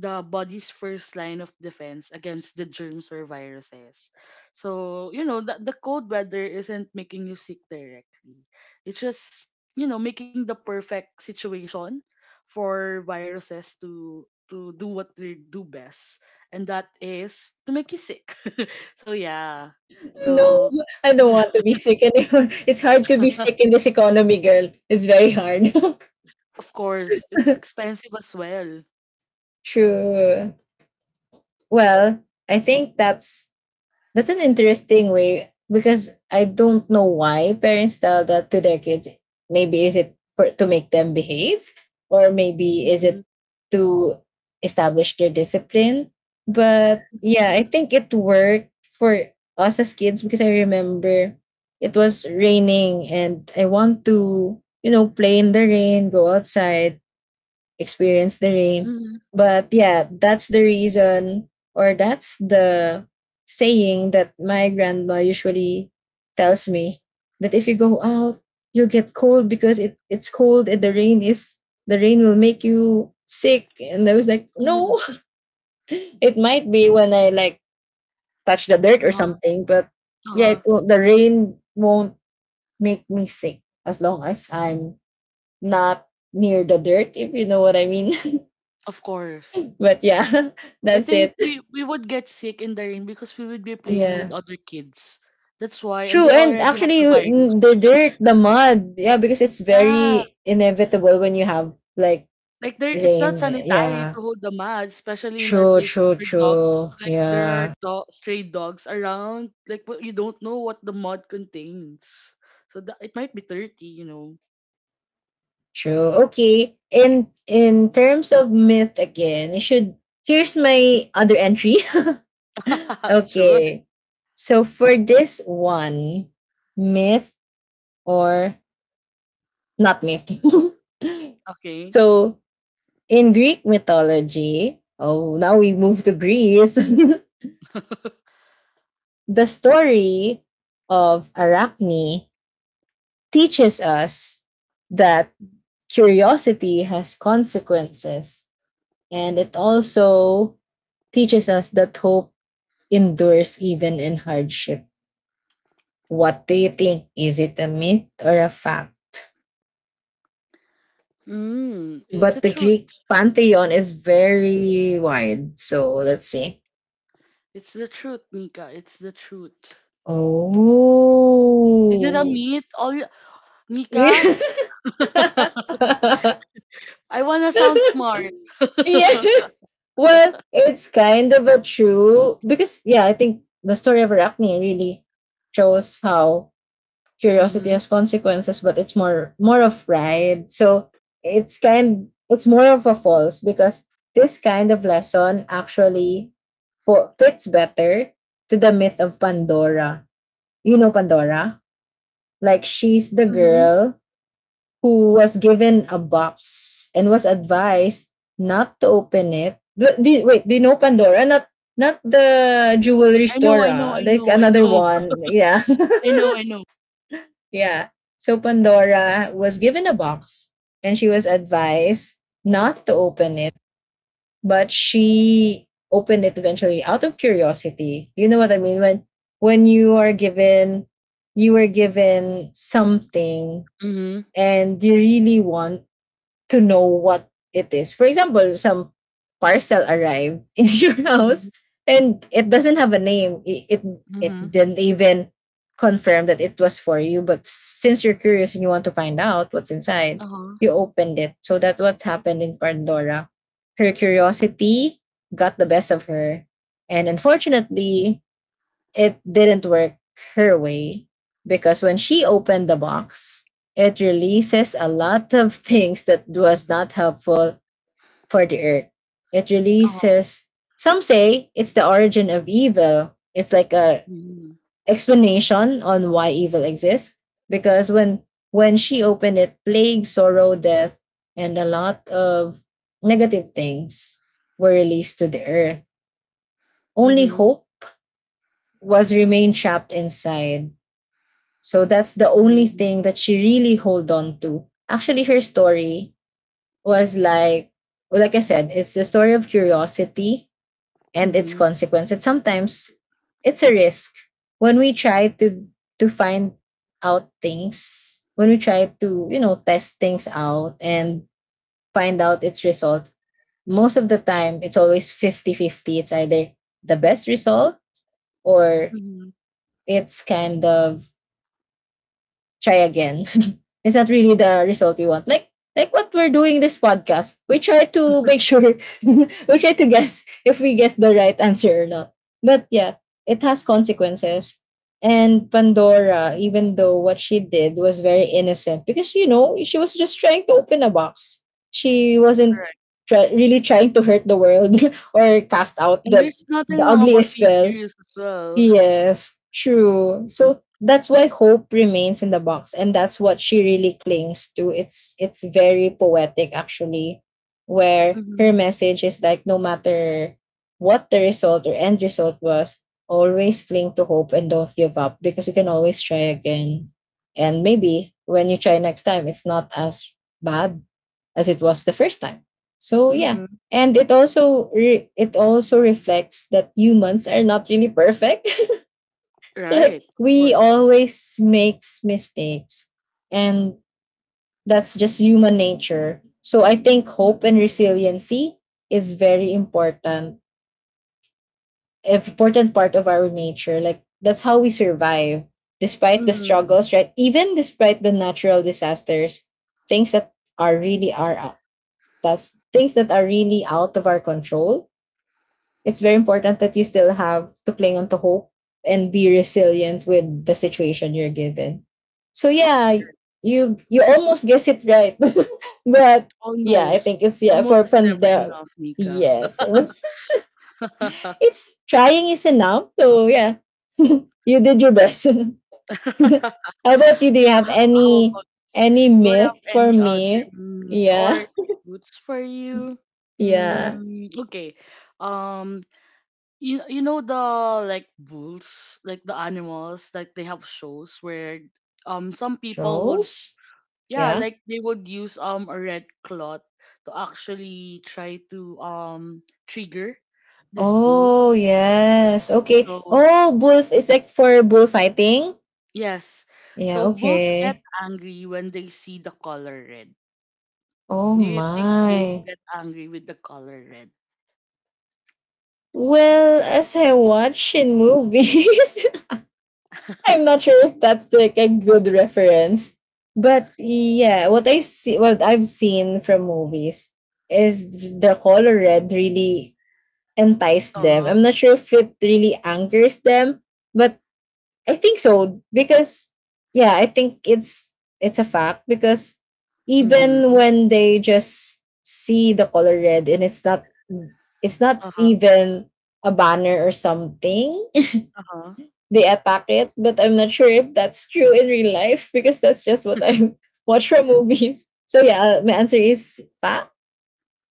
[SPEAKER 1] the body's first line of defense against the germs or viruses. So, you know, the cold weather isn't making you sick directly. It's just, you know, making the perfect situation for viruses to do what they do best, and that is to make you sick. So yeah.
[SPEAKER 2] No,
[SPEAKER 1] So
[SPEAKER 2] I don't want to be sick anymore. It's hard to be
[SPEAKER 1] of
[SPEAKER 2] sick in this economy, girl. It's very hard.
[SPEAKER 1] course, it's expensive as well.
[SPEAKER 2] True. Well, I think that's an interesting way because I don't know why parents tell that to their kids. Maybe is it for to make them behave, or maybe is
[SPEAKER 1] Mhm.
[SPEAKER 2] it to establish their discipline. But yeah, I think it worked for us as kids because I remember it was raining and I want to, you know, play in the rain, go outside, experience the rain.
[SPEAKER 1] Mhm.
[SPEAKER 2] But yeah, that's the reason, or that's the saying that my grandma usually tells me that if you go out, you'll get cold because it's cold and the rain is... the rain will make you sick. And I was like,
[SPEAKER 1] Mhm.
[SPEAKER 2] no, it might be when I like touch the dirt or
[SPEAKER 1] Uh-huh.
[SPEAKER 2] something, but yeah,
[SPEAKER 1] Uh-huh.
[SPEAKER 2] it will, the rain won't make me sick as long as I'm not near the dirt, if you know what I mean.
[SPEAKER 1] Of course.
[SPEAKER 2] But yeah,
[SPEAKER 1] I
[SPEAKER 2] that's
[SPEAKER 1] think
[SPEAKER 2] it.
[SPEAKER 1] we would get sick in the rain because we would be playing with
[SPEAKER 2] Yeah.
[SPEAKER 1] other kids. That's why, and
[SPEAKER 2] True.
[SPEAKER 1] they
[SPEAKER 2] And
[SPEAKER 1] already have
[SPEAKER 2] actually,
[SPEAKER 1] the
[SPEAKER 2] you-
[SPEAKER 1] virus.
[SPEAKER 2] n- the dirt, the mud. Yeah, because it's
[SPEAKER 1] Yeah,
[SPEAKER 2] very inevitable when you have like
[SPEAKER 1] like there, it's not
[SPEAKER 2] rain.
[SPEAKER 1] sanitary to
[SPEAKER 2] Yeah.
[SPEAKER 1] hold the mat, especially in our
[SPEAKER 2] True,
[SPEAKER 1] places
[SPEAKER 2] true,
[SPEAKER 1] where
[SPEAKER 2] true.
[SPEAKER 1] dogs, like there are
[SPEAKER 2] Yeah.
[SPEAKER 1] stray dogs around. Like but you don't know what the mud contains, so that, it might be dirty, you know.
[SPEAKER 2] True. Okay. In terms of myth again, you should... here's my other entry.
[SPEAKER 1] Sure.
[SPEAKER 2] Okay. So for this one, myth or not myth.
[SPEAKER 1] Okay.
[SPEAKER 2] So in Greek mythology, oh, now we move to Greece. The story of Arachne teaches us that curiosity has consequences, and it also teaches us that hope endures even in hardship. What do you think? Is it a myth or a fact?
[SPEAKER 1] Mm, it's the
[SPEAKER 2] But the
[SPEAKER 1] truth.
[SPEAKER 2] Greek pantheon is very wide, so let's see.
[SPEAKER 1] It's the truth, Nika. It's the truth. Is it a
[SPEAKER 2] Oh,
[SPEAKER 1] meat? All Nika? I wanna sound smart.
[SPEAKER 2] yeah. Well, it's kind of a true because yeah, I think the story of Arachne really shows how curiosity
[SPEAKER 1] Mhm.
[SPEAKER 2] has consequences, but it's more of pride. So it's kind... it's more of a false because this kind of lesson actually fo- fits better to the myth of Pandora. You know Pandora? Like she's the
[SPEAKER 1] Mhm.
[SPEAKER 2] girl who was given a box and was advised not to open it. Wait, do you know Pandora? Not not the jewelry
[SPEAKER 1] I know.
[SPEAKER 2] store,
[SPEAKER 1] I know.
[SPEAKER 2] ah.
[SPEAKER 1] I
[SPEAKER 2] Like
[SPEAKER 1] know. I
[SPEAKER 2] another
[SPEAKER 1] know.
[SPEAKER 2] one. Yeah.
[SPEAKER 1] I know. I know.
[SPEAKER 2] Yeah. So Pandora was given a box and she was advised not to open it, but she opened it eventually out of curiosity. You know what I mean? When you are given... you were given something
[SPEAKER 1] Mhm.
[SPEAKER 2] and you really want to know what it is. For example, some parcel arrived in your
[SPEAKER 1] Mhm.
[SPEAKER 2] house and it doesn't have a name. It
[SPEAKER 1] Mhm.
[SPEAKER 2] didn't even confirm that it was for you. But since you're curious and you want to find out what's inside,
[SPEAKER 1] Uh huh.
[SPEAKER 2] you opened it. So that what happened in Pandora. Her curiosity got the best of her. And unfortunately, it didn't work her way because when she opened the box, it releases a lot of things that was not helpful for the earth. It
[SPEAKER 1] Uh huh.
[SPEAKER 2] releases... some say it's the origin of evil. It's like a
[SPEAKER 1] Mhm.
[SPEAKER 2] explanation on why evil exists because when she opened it, plague, sorrow, death, and a lot of negative things were released to the earth. Only
[SPEAKER 1] Mhm.
[SPEAKER 2] hope was remained trapped inside. So that's the only
[SPEAKER 1] Mhm.
[SPEAKER 2] thing that she really hold on to. Actually, her story was like, well, like I said, it's the story of curiosity and its
[SPEAKER 1] Mhm.
[SPEAKER 2] consequence. And sometimes it's a risk when we try to find out things, when we try to you know test things out and find out its result. Most of the time, it's always 50-50. It's either the best result or
[SPEAKER 1] Mhm.
[SPEAKER 2] it's kind of try again. Is that really the result we want? Like what we're doing this podcast, we try to make sure we try to guess if we guess the right answer or not. But yeah, it has consequences. And Pandora, even though what she did was very innocent, because you know she was just trying to open a box. She wasn't
[SPEAKER 1] Correct.
[SPEAKER 2] try- really trying to hurt the world or cast out
[SPEAKER 1] And there's nothing
[SPEAKER 2] the
[SPEAKER 1] wrong about
[SPEAKER 2] ugliest
[SPEAKER 1] being
[SPEAKER 2] spell.
[SPEAKER 1] curious as well.
[SPEAKER 2] Yes, true. So that's why hope remains in the box, and that's what she really clings to. It's very poetic actually, where
[SPEAKER 1] Mhm.
[SPEAKER 2] her message is like no matter what the result or end result was, always cling to hope and don't give up because you can always try again. And maybe when you try next time, it's not as bad as it was the first time. So yeah,
[SPEAKER 1] Mhm.
[SPEAKER 2] and it also reflects that humans are not really perfect like
[SPEAKER 1] Right. Of
[SPEAKER 2] we
[SPEAKER 1] course.
[SPEAKER 2] always makes mistakes and that's just human nature. So I think hope and resiliency is very important important part of our nature, like that's how we survive despite the
[SPEAKER 1] Mhm.
[SPEAKER 2] struggles, right? Even despite the natural disasters, things that are really are out that's things that are really out of our control. It's very important that you still have to cling on to hope and be resilient with the situation you're given. So yeah, you almost guess it right. But yeah, I
[SPEAKER 1] Almost.
[SPEAKER 2] think it's yeah
[SPEAKER 1] Almost
[SPEAKER 2] for
[SPEAKER 1] is never
[SPEAKER 2] Pandora.
[SPEAKER 1] enough, Nika.
[SPEAKER 2] Yes.
[SPEAKER 1] how,
[SPEAKER 2] It's trying is enough. So yeah. You did your best. How about you? Do you have
[SPEAKER 1] how about
[SPEAKER 2] any
[SPEAKER 1] do you
[SPEAKER 2] myth
[SPEAKER 1] have
[SPEAKER 2] for
[SPEAKER 1] any other
[SPEAKER 2] me?
[SPEAKER 1] meat
[SPEAKER 2] Yeah.
[SPEAKER 1] or fruits for you?
[SPEAKER 2] Yeah.
[SPEAKER 1] Mm, okay. Um, you you know the like bulls, like the animals, like they have shows where some people would
[SPEAKER 2] Shows?
[SPEAKER 1] yeah,
[SPEAKER 2] Yeah.
[SPEAKER 1] like they would use a red cloth to actually try to trigger these
[SPEAKER 2] Oh,
[SPEAKER 1] bulls.
[SPEAKER 2] yes. Okay.
[SPEAKER 1] So
[SPEAKER 2] Oh, bull is like for bullfighting?
[SPEAKER 1] yes,
[SPEAKER 2] Yeah,
[SPEAKER 1] so bulls get
[SPEAKER 2] okay.
[SPEAKER 1] angry when they see the color red.
[SPEAKER 2] Oh
[SPEAKER 1] Do you think bulls
[SPEAKER 2] my.
[SPEAKER 1] get angry with the color red?
[SPEAKER 2] Well, as I watch in movies, I'm not sure if that's like a good reference. But yeah, what I've seen from movies is the color red really enticed them.
[SPEAKER 1] Uh-huh.
[SPEAKER 2] I'm not sure if it really angers them, but I think so because yeah, I think it's a fact because even
[SPEAKER 1] Hmm.
[SPEAKER 2] when they just see the color red and it's not
[SPEAKER 1] Uh-huh.
[SPEAKER 2] even a banner or something,
[SPEAKER 1] Uh-huh.
[SPEAKER 2] they attack it. But I'm not sure if that's true in real life because that's just what I watch from movies. So yeah, my answer is fact.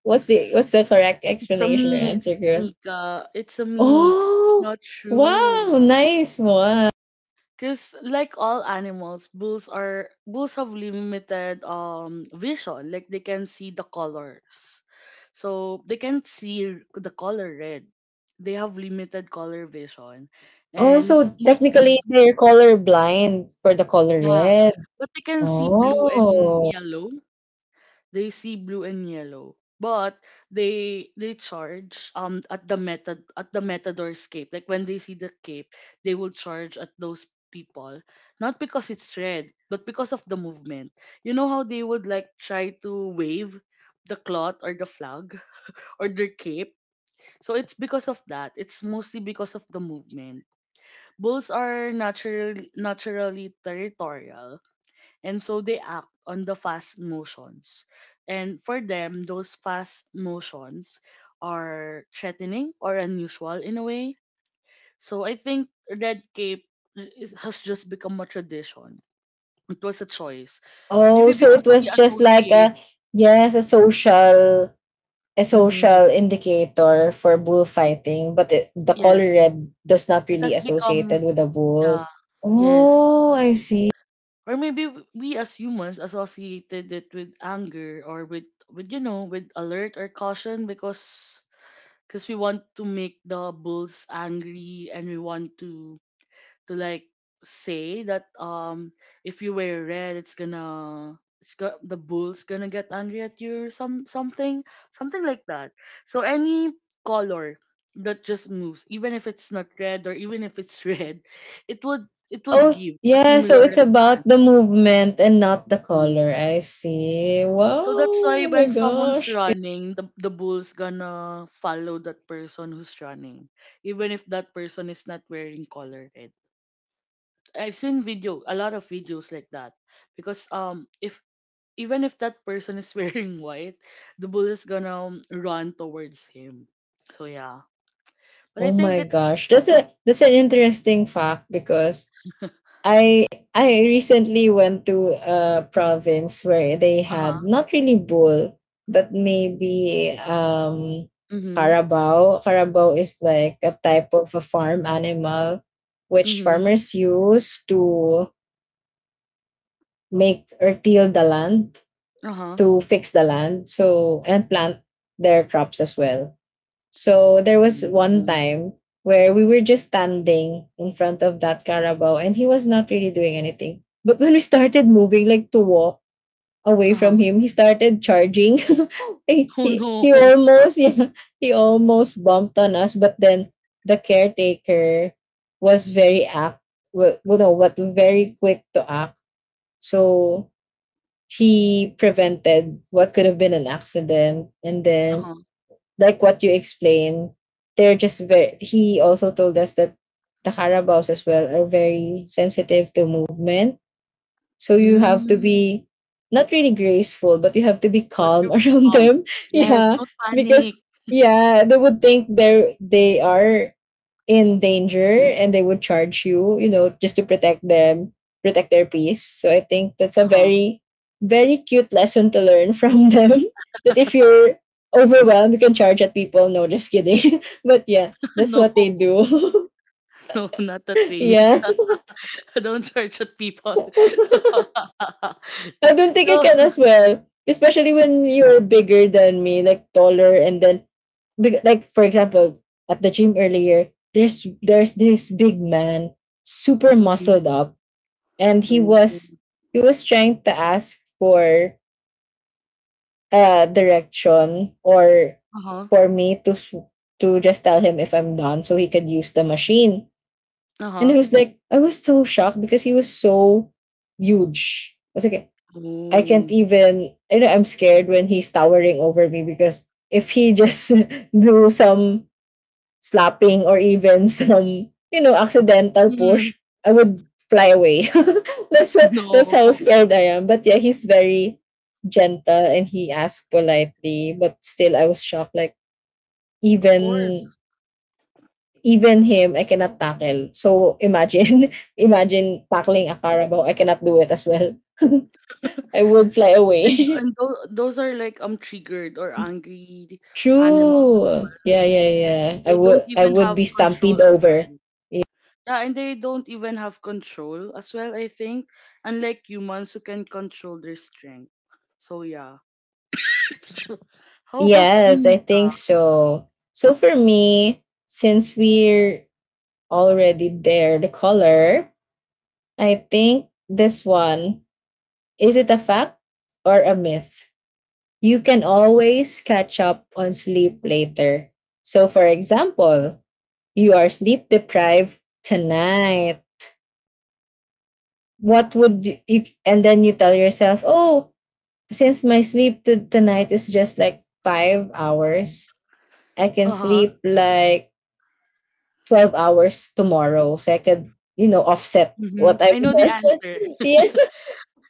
[SPEAKER 2] What's the correct
[SPEAKER 1] It's a
[SPEAKER 2] explanation or
[SPEAKER 1] myth,
[SPEAKER 2] answer, girl?
[SPEAKER 1] Nika. It's a myth. It's
[SPEAKER 2] Oh
[SPEAKER 1] not
[SPEAKER 2] wow,
[SPEAKER 1] true.
[SPEAKER 2] nice one.
[SPEAKER 1] Cause like all animals, bulls are bulls have limited vision. Like they can see the colors. So they can see the color red. They have limited color vision.
[SPEAKER 2] Oh,
[SPEAKER 1] And
[SPEAKER 2] so technically
[SPEAKER 1] mostly,
[SPEAKER 2] they're color blind for the color
[SPEAKER 1] yeah.
[SPEAKER 2] red.
[SPEAKER 1] But they can see blue and
[SPEAKER 2] Oh.
[SPEAKER 1] yellow. They see blue and yellow, but they charge at the meta at the matador's cape. Like when they see the cape, they will charge at those people, not because it's red but because of the movement. You know how they would like try to wave the cloth or the flag or their cape, so it's because of that, it's mostly because of the movement. Bulls are naturally territorial, and so they act on the fast motions. And for them, those fast motions are threatening or unusual in a way. So I think red cape has just become a tradition. It was a choice. Maybe
[SPEAKER 2] Oh, so it
[SPEAKER 1] because we
[SPEAKER 2] was just like
[SPEAKER 1] associate,
[SPEAKER 2] a yes, a
[SPEAKER 1] mm,
[SPEAKER 2] social indicator for bullfighting, but it, the color
[SPEAKER 1] yes,
[SPEAKER 2] red does not
[SPEAKER 1] it
[SPEAKER 2] really
[SPEAKER 1] has
[SPEAKER 2] associated
[SPEAKER 1] become,
[SPEAKER 2] with a
[SPEAKER 1] yeah,
[SPEAKER 2] bull.
[SPEAKER 1] yes.
[SPEAKER 2] Oh, I see.
[SPEAKER 1] Or maybe we as humans associated it with anger or with, you know, with alert or caution, because we want to make the bulls angry and we want to like say that if you wear red it's gonna the bull's gonna get angry at you, or something something like that. So any color that just moves, even if it's not red or even if it's red, it would it would
[SPEAKER 2] Oh,
[SPEAKER 1] give a
[SPEAKER 2] yeah,
[SPEAKER 1] similar
[SPEAKER 2] so it's about the
[SPEAKER 1] response.
[SPEAKER 2] movement and not the
[SPEAKER 1] Mm.
[SPEAKER 2] color. I see. Wow.
[SPEAKER 1] So that's why
[SPEAKER 2] Oh my
[SPEAKER 1] when someone's
[SPEAKER 2] gosh.
[SPEAKER 1] running, the bull's gonna follow that person who's running, even if that person is not wearing color red. I've seen video, a lot of videos like that, because if even if that person is wearing white, the bull is gonna run towards him. So yeah, but I
[SPEAKER 2] Oh
[SPEAKER 1] think
[SPEAKER 2] my
[SPEAKER 1] it.
[SPEAKER 2] gosh. That's a that's an interesting fact because I I recently went to a province where they
[SPEAKER 1] Uh huh.
[SPEAKER 2] had not really bull, but maybe
[SPEAKER 1] Mhm.
[SPEAKER 2] carabao. Carabao is like a type of a farm animal which
[SPEAKER 1] Mhm.
[SPEAKER 2] farmers use to make or till the land
[SPEAKER 1] Uh huh.
[SPEAKER 2] to fix the land so and plant their crops as well. So there was one time where we were just standing in front of that carabao and he was not really doing anything. But when we started moving, like to walk away
[SPEAKER 1] Uh huh.
[SPEAKER 2] from him, he started charging. he,
[SPEAKER 1] Oh
[SPEAKER 2] he,
[SPEAKER 1] no.
[SPEAKER 2] he almost yeah, he almost bumped on us, but then the caretaker was very apt, well, no, what very quick to act. So he prevented what could have been an accident and
[SPEAKER 1] Uh
[SPEAKER 2] then
[SPEAKER 1] huh.
[SPEAKER 2] like what you explained, they're just very. He also told us that the carabaos as well are very sensitive to movement. So you have to
[SPEAKER 1] Mm.
[SPEAKER 2] be not really graceful, but you have to be
[SPEAKER 1] But
[SPEAKER 2] calm
[SPEAKER 1] you're
[SPEAKER 2] around
[SPEAKER 1] calm.
[SPEAKER 2] them.
[SPEAKER 1] Yes.
[SPEAKER 2] Yeah.
[SPEAKER 1] Don't panic.
[SPEAKER 2] Because yeah, they are in danger and they would charge you, you know, just to protect them, protect their peace. So I think that's a
[SPEAKER 1] Uh-huh.
[SPEAKER 2] very, very cute lesson to learn from them. That if you're overwhelmed, you can charge at people. No, just kidding. But yeah, that's
[SPEAKER 1] No,
[SPEAKER 2] what they do.
[SPEAKER 1] no, not a trainee.
[SPEAKER 2] Yeah.
[SPEAKER 1] I don't charge at people. So,
[SPEAKER 2] I don't think I can
[SPEAKER 1] so
[SPEAKER 2] as well. Especially when you're bigger than me, like taller, and then, like for example, at the gym earlier, there's this big man, super
[SPEAKER 1] mhm.
[SPEAKER 2] muscled up, and
[SPEAKER 1] Oh.
[SPEAKER 2] he was trying to ask for direction or
[SPEAKER 1] Uh-huh.
[SPEAKER 2] for me to to just tell him if I'm done so he could use the machine. And I
[SPEAKER 1] Uh-huh.
[SPEAKER 2] was like, I was so shocked because he was so huge. I was like, I can't
[SPEAKER 1] Oh.
[SPEAKER 2] even, you know, I'm scared when he's towering over me because if he just do some slapping or even some you know accidental
[SPEAKER 1] Mm,
[SPEAKER 2] push, I would fly away. That's
[SPEAKER 1] no.
[SPEAKER 2] how scared I am. But yeah, he's very gentle and he asked politely, but still I was shocked. Like
[SPEAKER 1] Of
[SPEAKER 2] even
[SPEAKER 1] course.
[SPEAKER 2] even him, I cannot tackle. So imagine imagine tackling a carabao. I cannot do it as well. I would fly away.
[SPEAKER 1] And those are like triggered or angry animals as
[SPEAKER 2] True.
[SPEAKER 1] well.
[SPEAKER 2] Yeah, yeah, yeah. I
[SPEAKER 1] They
[SPEAKER 2] would
[SPEAKER 1] don't
[SPEAKER 2] I
[SPEAKER 1] even
[SPEAKER 2] would
[SPEAKER 1] have
[SPEAKER 2] be stampede
[SPEAKER 1] control as
[SPEAKER 2] over.
[SPEAKER 1] well.
[SPEAKER 2] Ye-
[SPEAKER 1] Yeah, and they don't even have control as well, I think, unlike humans who can control their strength. So yeah. How about you,
[SPEAKER 2] Yes, I think
[SPEAKER 1] Nika?
[SPEAKER 2] so. So for me, since we're already there, the color, I think this one, is it a fact or a myth? You can always catch up on sleep later. So for example, you are sleep deprived tonight. What would you, you and then you tell yourself, "Oh, since my sleep to tonight is just like 5 hours, I can
[SPEAKER 1] Uh-huh.
[SPEAKER 2] sleep like 12 hours tomorrow. So I could, you know, offset
[SPEAKER 1] Mm-hmm.
[SPEAKER 2] what I
[SPEAKER 1] I know the
[SPEAKER 2] was.
[SPEAKER 1] answer.
[SPEAKER 2] Yeah.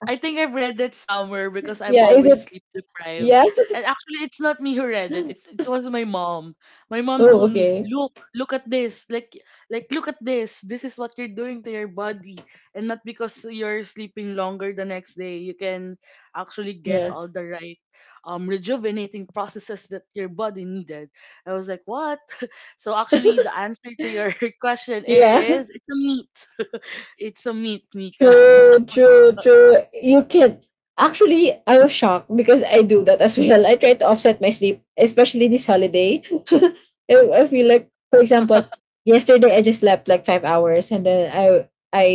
[SPEAKER 1] I think I've read that somewhere because I'm
[SPEAKER 2] Yeah. Is it?
[SPEAKER 1] always sleep deprived.
[SPEAKER 2] Yeah.
[SPEAKER 1] And actually, it's not me who read it. It was my mom. My mom
[SPEAKER 2] Oh,
[SPEAKER 1] told me,
[SPEAKER 2] okay.
[SPEAKER 1] "Look, look at this. Like look at this. This is what you're doing to your body. And not because you're sleeping longer the next day, you can actually get
[SPEAKER 2] Yeah.
[SPEAKER 1] all the right, rejuvenating processes that your body needed." I was like, "What?" So actually, the answer to your question
[SPEAKER 2] Yeah.
[SPEAKER 1] is, it's a meat. It's a meat, Mika.
[SPEAKER 2] True, true, true. You can actually I was shocked because I do that as well. I try to offset my sleep, especially this holiday. I feel like, for example, yesterday I just slept like 5 hours and then I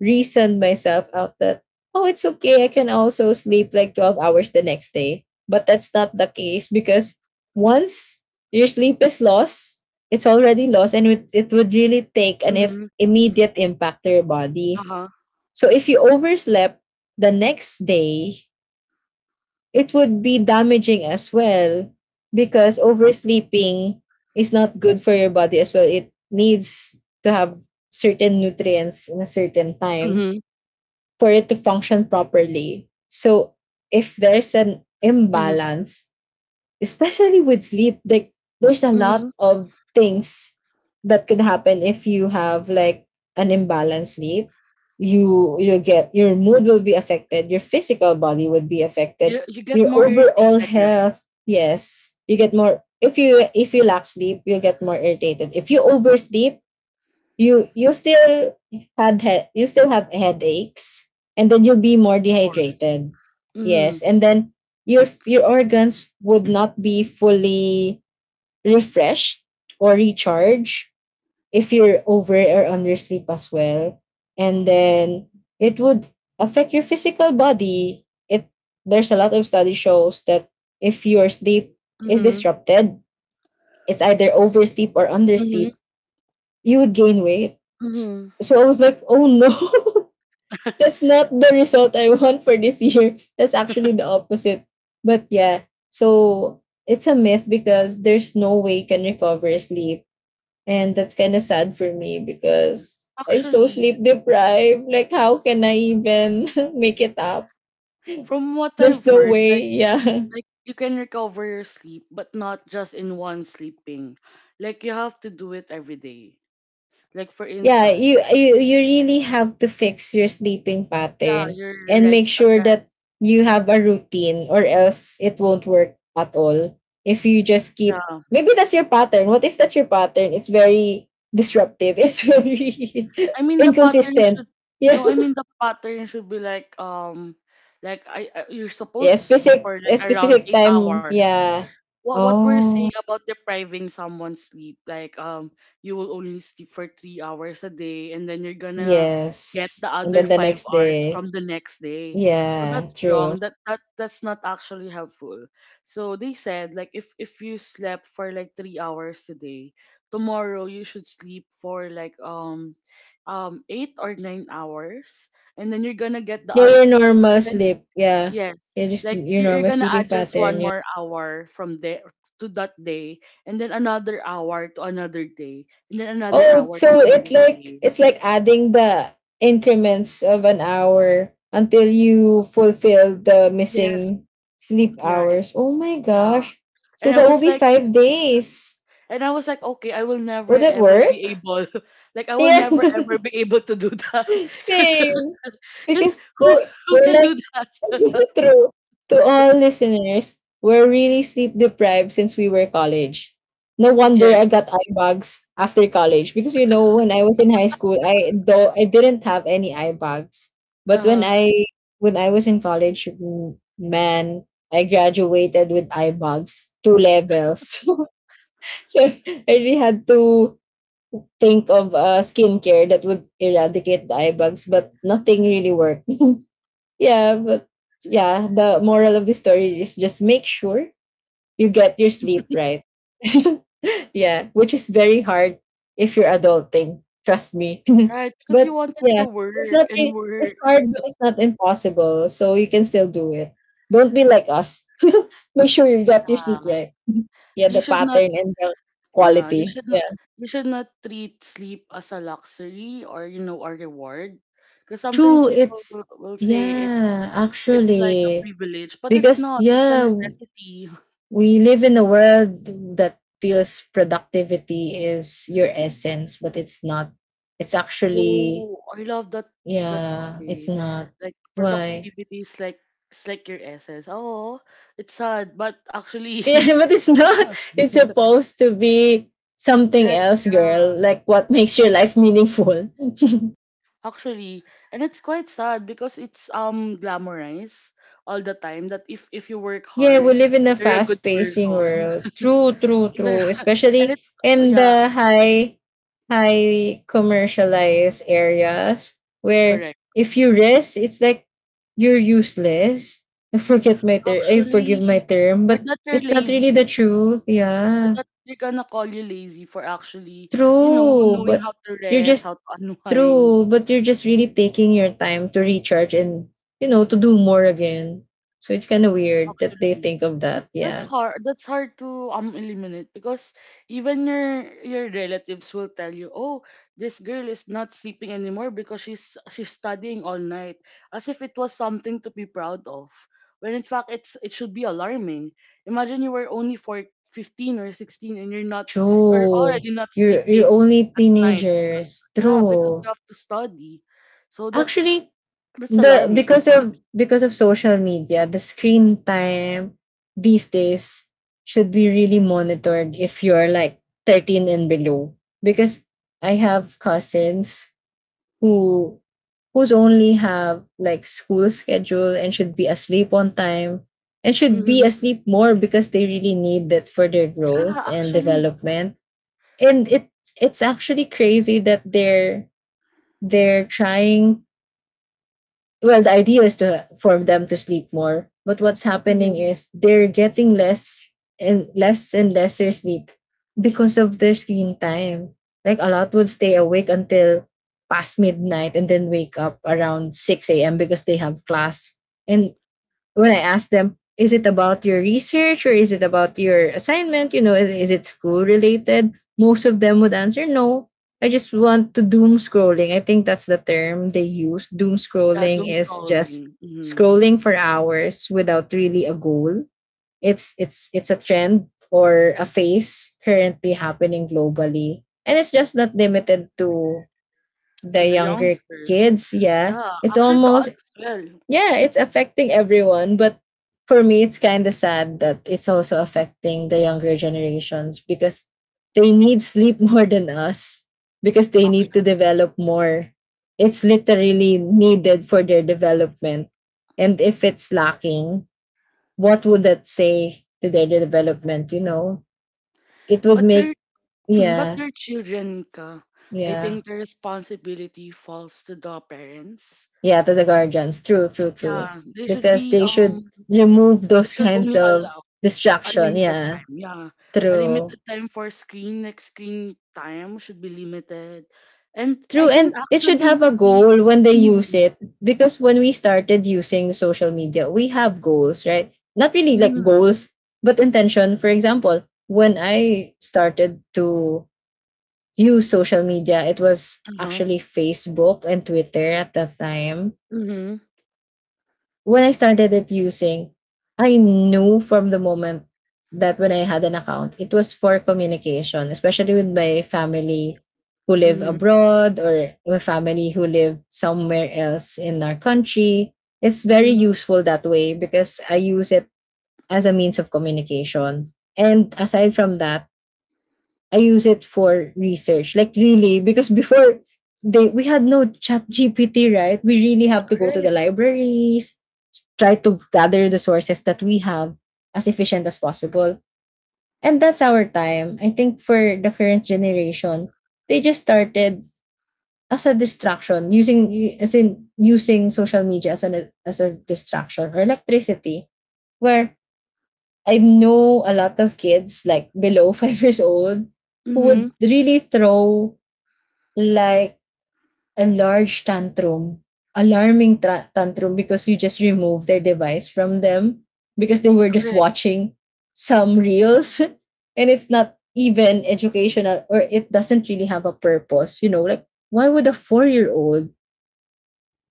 [SPEAKER 2] reasoned myself out that oh it's okay, I can also sleep like 12 hours the next day. But that's not the case because once your sleep is lost, it's already lost and it would really take an if
[SPEAKER 1] Hmm.
[SPEAKER 2] immediate impact to your body.
[SPEAKER 1] Uh-huh.
[SPEAKER 2] So if you overslept the next day, it would be damaging as well because oversleeping is not good for your body as well. It needs to have certain nutrients in a certain time
[SPEAKER 1] Mhm,
[SPEAKER 2] for it to function properly. So if there's an
[SPEAKER 1] mhm,
[SPEAKER 2] imbalance, especially with sleep, like there's a lot
[SPEAKER 1] mhm.
[SPEAKER 2] of things that could happen if you have like an imbalanced sleep. You get your mood will be affected, your physical body would be affected,
[SPEAKER 1] You get
[SPEAKER 2] your
[SPEAKER 1] more
[SPEAKER 2] overall
[SPEAKER 1] irritated, right?
[SPEAKER 2] health. Yes, you get more if you lack sleep, you'll get more irritated. If you oversleep, you still you still have headaches and then you'll be more
[SPEAKER 1] Of course.
[SPEAKER 2] dehydrated. Yes,
[SPEAKER 1] Mhm,
[SPEAKER 2] and then your organs would not be fully refreshed or recharged if you're over or under sleep as well, and then it would affect your physical body. It There's a lot of study shows that if your sleep is
[SPEAKER 1] mhm,
[SPEAKER 2] disrupted, it's either oversleep or
[SPEAKER 1] mhm,
[SPEAKER 2] undersleep, you would gain weight.
[SPEAKER 1] mhm.
[SPEAKER 2] So I was like, oh no, that's not the result I want for this year. That's actually the opposite. But yeah, so it's a myth because there's no way you can recover sleep. And that's kind of sad for me because I'm so
[SPEAKER 1] Actually,
[SPEAKER 2] sleep deprived. Like, how can I even make it up?
[SPEAKER 1] from what
[SPEAKER 2] There's
[SPEAKER 1] I've
[SPEAKER 2] no
[SPEAKER 1] heard,
[SPEAKER 2] way.
[SPEAKER 1] like
[SPEAKER 2] Yeah.
[SPEAKER 1] like you can recover your sleep, but not just in one sleeping. Like you have to do it every day. Like for
[SPEAKER 2] Yeah,
[SPEAKER 1] instance,
[SPEAKER 2] you really have to fix your sleeping
[SPEAKER 1] yeah,
[SPEAKER 2] pattern
[SPEAKER 1] you're
[SPEAKER 2] and make
[SPEAKER 1] like
[SPEAKER 2] sure
[SPEAKER 1] yes,
[SPEAKER 2] that you have a routine or else it won't work at all. If you just keep
[SPEAKER 1] yeah.
[SPEAKER 2] maybe that's your pattern. What if that's your pattern? It's very disruptive. It's very
[SPEAKER 1] I mean the pattern
[SPEAKER 2] inconsistent.
[SPEAKER 1] should,
[SPEAKER 2] Yeah.
[SPEAKER 1] no, I mean the pattern should be like, like, I you're supposed
[SPEAKER 2] Yeah,
[SPEAKER 1] to sleep
[SPEAKER 2] specific
[SPEAKER 1] for like
[SPEAKER 2] a
[SPEAKER 1] around
[SPEAKER 2] specific
[SPEAKER 1] eight
[SPEAKER 2] time.
[SPEAKER 1] hours.
[SPEAKER 2] Yeah.
[SPEAKER 1] What we're saying
[SPEAKER 2] Oh,
[SPEAKER 1] about depriving someone sleep like you will only sleep for 3 hours a day, and then you're gonna get
[SPEAKER 2] yes.
[SPEAKER 1] the
[SPEAKER 2] And
[SPEAKER 1] other
[SPEAKER 2] then the
[SPEAKER 1] five
[SPEAKER 2] next
[SPEAKER 1] hours from
[SPEAKER 2] day.
[SPEAKER 1] the next day. So
[SPEAKER 2] Yeah,
[SPEAKER 1] that's
[SPEAKER 2] true.
[SPEAKER 1] wrong. That That's not actually helpful. So they said, like, if you slept for like 3 hours a day, tomorrow you should sleep for like 8 or 9 hours, and then you're gonna get the
[SPEAKER 2] Yeah,
[SPEAKER 1] other.
[SPEAKER 2] your normal sleep. Yeah.
[SPEAKER 1] Yes,
[SPEAKER 2] Yeah, just
[SPEAKER 1] like
[SPEAKER 2] your
[SPEAKER 1] you're
[SPEAKER 2] normal
[SPEAKER 1] gonna
[SPEAKER 2] sleeping
[SPEAKER 1] add just
[SPEAKER 2] pattern.
[SPEAKER 1] one
[SPEAKER 2] Yeah.
[SPEAKER 1] more hour from there to that day, and then another hour to another day, and then another
[SPEAKER 2] Oh,
[SPEAKER 1] hour to
[SPEAKER 2] so it
[SPEAKER 1] another
[SPEAKER 2] like
[SPEAKER 1] day.
[SPEAKER 2] it's like adding the increments of an hour until you fulfill the
[SPEAKER 1] Yes,
[SPEAKER 2] missing sleep
[SPEAKER 1] yeah,
[SPEAKER 2] hours. Oh my
[SPEAKER 1] yeah.
[SPEAKER 2] gosh. So
[SPEAKER 1] And I
[SPEAKER 2] that will
[SPEAKER 1] was
[SPEAKER 2] be
[SPEAKER 1] like,
[SPEAKER 2] 5 days.
[SPEAKER 1] and I was like, okay, I will never
[SPEAKER 2] Would that
[SPEAKER 1] ever be
[SPEAKER 2] work?
[SPEAKER 1] able, like I will
[SPEAKER 2] Yeah.
[SPEAKER 1] never ever be able to do that,
[SPEAKER 2] Same.
[SPEAKER 1] because
[SPEAKER 2] Because
[SPEAKER 1] who
[SPEAKER 2] we're
[SPEAKER 1] who
[SPEAKER 2] we're
[SPEAKER 1] can do
[SPEAKER 2] like
[SPEAKER 1] that?
[SPEAKER 2] true to all listeners, we're really sleep deprived since we were college. No wonder I
[SPEAKER 1] Yes.
[SPEAKER 2] got eye bags after college because you know when I was in high school, I though I didn't have any eye bags.
[SPEAKER 1] Uh
[SPEAKER 2] But
[SPEAKER 1] huh.
[SPEAKER 2] when I was in college, mm, man, I graduated with eye bags, two levels. So I really had to think of skincare that would eradicate the eye bags, but nothing really worked. Yeah, but yeah, the moral of the story is just make sure you get your sleep right. Yeah, which is very hard if you're adulting. Trust me.
[SPEAKER 1] Right, because
[SPEAKER 2] But
[SPEAKER 1] you wanted
[SPEAKER 2] yeah,
[SPEAKER 1] to work and
[SPEAKER 2] it's
[SPEAKER 1] work.
[SPEAKER 2] hard, but it's not impossible. So you can still do it. Don't be like us. Make sure you get your sleep
[SPEAKER 1] Ah,
[SPEAKER 2] right. Yeah,
[SPEAKER 1] you
[SPEAKER 2] the
[SPEAKER 1] should not.
[SPEAKER 2] pattern and the
[SPEAKER 1] Yeah, you
[SPEAKER 2] quality.
[SPEAKER 1] should not
[SPEAKER 2] Yeah.
[SPEAKER 1] you should not treat sleep as a luxury or a reward, because sometimes
[SPEAKER 2] True,
[SPEAKER 1] people
[SPEAKER 2] it's
[SPEAKER 1] will say it's
[SPEAKER 2] yeah,
[SPEAKER 1] like a
[SPEAKER 2] actually,
[SPEAKER 1] privilege, but it's
[SPEAKER 2] because
[SPEAKER 1] not. It's a
[SPEAKER 2] yeah,
[SPEAKER 1] necessity.
[SPEAKER 2] we live in a world that feels productivity is your essence, but it's not. It's actually
[SPEAKER 1] Oh, I love that.
[SPEAKER 2] yeah, it's
[SPEAKER 1] Okay,
[SPEAKER 2] not.
[SPEAKER 1] like
[SPEAKER 2] Why?
[SPEAKER 1] productivity is like, it's like your essence. Oh, it's sad, but actually,
[SPEAKER 2] Yeah, but it's not. It's supposed to be something
[SPEAKER 1] right?
[SPEAKER 2] else,
[SPEAKER 1] Yeah,
[SPEAKER 2] girl. Like what makes your life meaningful.
[SPEAKER 1] actually, and it's quite sad because it's glamorized all the time that if you work
[SPEAKER 2] Yeah, we
[SPEAKER 1] hard,
[SPEAKER 2] live in a
[SPEAKER 1] you're a good
[SPEAKER 2] fast pacing
[SPEAKER 1] person.
[SPEAKER 2] world. True, true,
[SPEAKER 1] Even-
[SPEAKER 2] true.
[SPEAKER 1] and
[SPEAKER 2] Especially
[SPEAKER 1] it's,
[SPEAKER 2] in
[SPEAKER 1] yeah,
[SPEAKER 2] the high commercialized areas where
[SPEAKER 1] correct.
[SPEAKER 2] if you rest, it's like you're useless. I forgive my
[SPEAKER 1] Actually,
[SPEAKER 2] term,
[SPEAKER 1] or
[SPEAKER 2] but
[SPEAKER 1] that you're
[SPEAKER 2] it's not really
[SPEAKER 1] lazy,
[SPEAKER 2] the truth.
[SPEAKER 1] or
[SPEAKER 2] Yeah.
[SPEAKER 1] that they're gonna call you lazy for actually
[SPEAKER 2] True.
[SPEAKER 1] knowing
[SPEAKER 2] But
[SPEAKER 1] how to
[SPEAKER 2] you're
[SPEAKER 1] rest,
[SPEAKER 2] just
[SPEAKER 1] how to unwind.
[SPEAKER 2] true. But you're just really taking your time to recharge and you know to do more again. So it's kinda weird that they
[SPEAKER 1] Actually,
[SPEAKER 2] think of that. Yeah.
[SPEAKER 1] that's hard to eliminate, because even your relatives will tell you, oh, this girl is not sleeping anymore because she's studying all night, as if it was something to be proud of, when in fact it should be alarming. Imagine you were only for 15 or 16 and you're not, or
[SPEAKER 2] True.
[SPEAKER 1] already not sleeping
[SPEAKER 2] You're only
[SPEAKER 1] at night because,
[SPEAKER 2] teenagers.
[SPEAKER 1] yeah, because you
[SPEAKER 2] True.
[SPEAKER 1] have to study. So
[SPEAKER 2] Actually,
[SPEAKER 1] that's
[SPEAKER 2] the
[SPEAKER 1] alarming.
[SPEAKER 2] because of social media, the screen time these days should be really monitored if you're like 13 and below. Because I have cousins who who's only have like school schedule and should be asleep on time and should be
[SPEAKER 1] Hmm.
[SPEAKER 2] asleep more because they really need that for their growth
[SPEAKER 1] Yeah,
[SPEAKER 2] and
[SPEAKER 1] actually.
[SPEAKER 2] development. And it's actually crazy that they're trying, well the idea is to for them to sleep more, but what's happening
[SPEAKER 1] Mhm.
[SPEAKER 2] is they're getting less and less and lesser sleep because of their screen time. Like a lot would stay awake until past midnight and then wake up around 6 a.m because they have class. And when I ask them, is it about your research or is it about your assignment? You know, is it school related? Most of them would answer no. I just want to doom scrolling. I think that's the term they use. Doom
[SPEAKER 1] Yeah,
[SPEAKER 2] scrolling
[SPEAKER 1] doom
[SPEAKER 2] is just
[SPEAKER 1] scrolling. Mhm.
[SPEAKER 2] scrolling for hours without really a goal. It's a trend or a phase currently happening globally. And it's just not limited to the
[SPEAKER 1] To the
[SPEAKER 2] younger
[SPEAKER 1] youngsters.
[SPEAKER 2] kids, yeah.
[SPEAKER 1] Yeah,
[SPEAKER 2] It's
[SPEAKER 1] actually, to
[SPEAKER 2] almost,
[SPEAKER 1] us as well.
[SPEAKER 2] yeah, it's affecting everyone, but for me it's kind of sad that it's also affecting the younger generations because they need sleep more than us because they need to
[SPEAKER 1] Actually,
[SPEAKER 2] develop more. It's literally needed for their development. And if it's lacking, what would that say to their development, you know? It would
[SPEAKER 1] but their
[SPEAKER 2] make,
[SPEAKER 1] but
[SPEAKER 2] yeah,
[SPEAKER 1] their children, Nika. I
[SPEAKER 2] yeah.
[SPEAKER 1] think the responsibility falls to the parents.
[SPEAKER 2] Yeah, to the guardians. True, true, true.
[SPEAKER 1] Yeah, they should
[SPEAKER 2] Because
[SPEAKER 1] be
[SPEAKER 2] they should remove
[SPEAKER 1] they
[SPEAKER 2] those
[SPEAKER 1] should
[SPEAKER 2] kinds
[SPEAKER 1] only allow
[SPEAKER 2] of
[SPEAKER 1] a
[SPEAKER 2] distraction.
[SPEAKER 1] limited
[SPEAKER 2] Yeah,
[SPEAKER 1] time. Yeah, a
[SPEAKER 2] true.
[SPEAKER 1] limited time for screen. Like, screen time should be limited, and I
[SPEAKER 2] True.
[SPEAKER 1] can
[SPEAKER 2] And it should
[SPEAKER 1] actually
[SPEAKER 2] have a
[SPEAKER 1] see.
[SPEAKER 2] goal when they use
[SPEAKER 1] Mm-hmm,
[SPEAKER 2] it. Because when we started using social media, we have goals, right? Not really like
[SPEAKER 1] mm-hmm,
[SPEAKER 2] goals, but intention. For example, when I started to use social media, it was
[SPEAKER 1] uh-huh,
[SPEAKER 2] actually Facebook and Twitter at that time.
[SPEAKER 1] mm-hmm,
[SPEAKER 2] When I started it using, I knew from the moment that when I had an account, it was for communication, especially with my family who live
[SPEAKER 1] mm-hmm,
[SPEAKER 2] abroad, or my family who live somewhere else in our country. It's very
[SPEAKER 1] mm-hmm,
[SPEAKER 2] useful that way because I use it as a means of communication. And aside from that, I use it for research. Like really, because before they we had no chat GPT, right? We really have to go to the
[SPEAKER 1] correct.
[SPEAKER 2] libraries, try to gather the sources that we have as efficient as possible. And that's our time. I think for the current generation, they just started as a distraction, using, as in using social media as a distraction or electricity, where I know a lot of kids like below 5 years old who
[SPEAKER 1] Mm-hmm.
[SPEAKER 2] would really throw like a large tantrum, alarming tantrum, because you just removed their device from them, because they were just
[SPEAKER 1] Correct.
[SPEAKER 2] watching some reels and it's not even educational or it doesn't really have a purpose. You know, like why would a 4 year old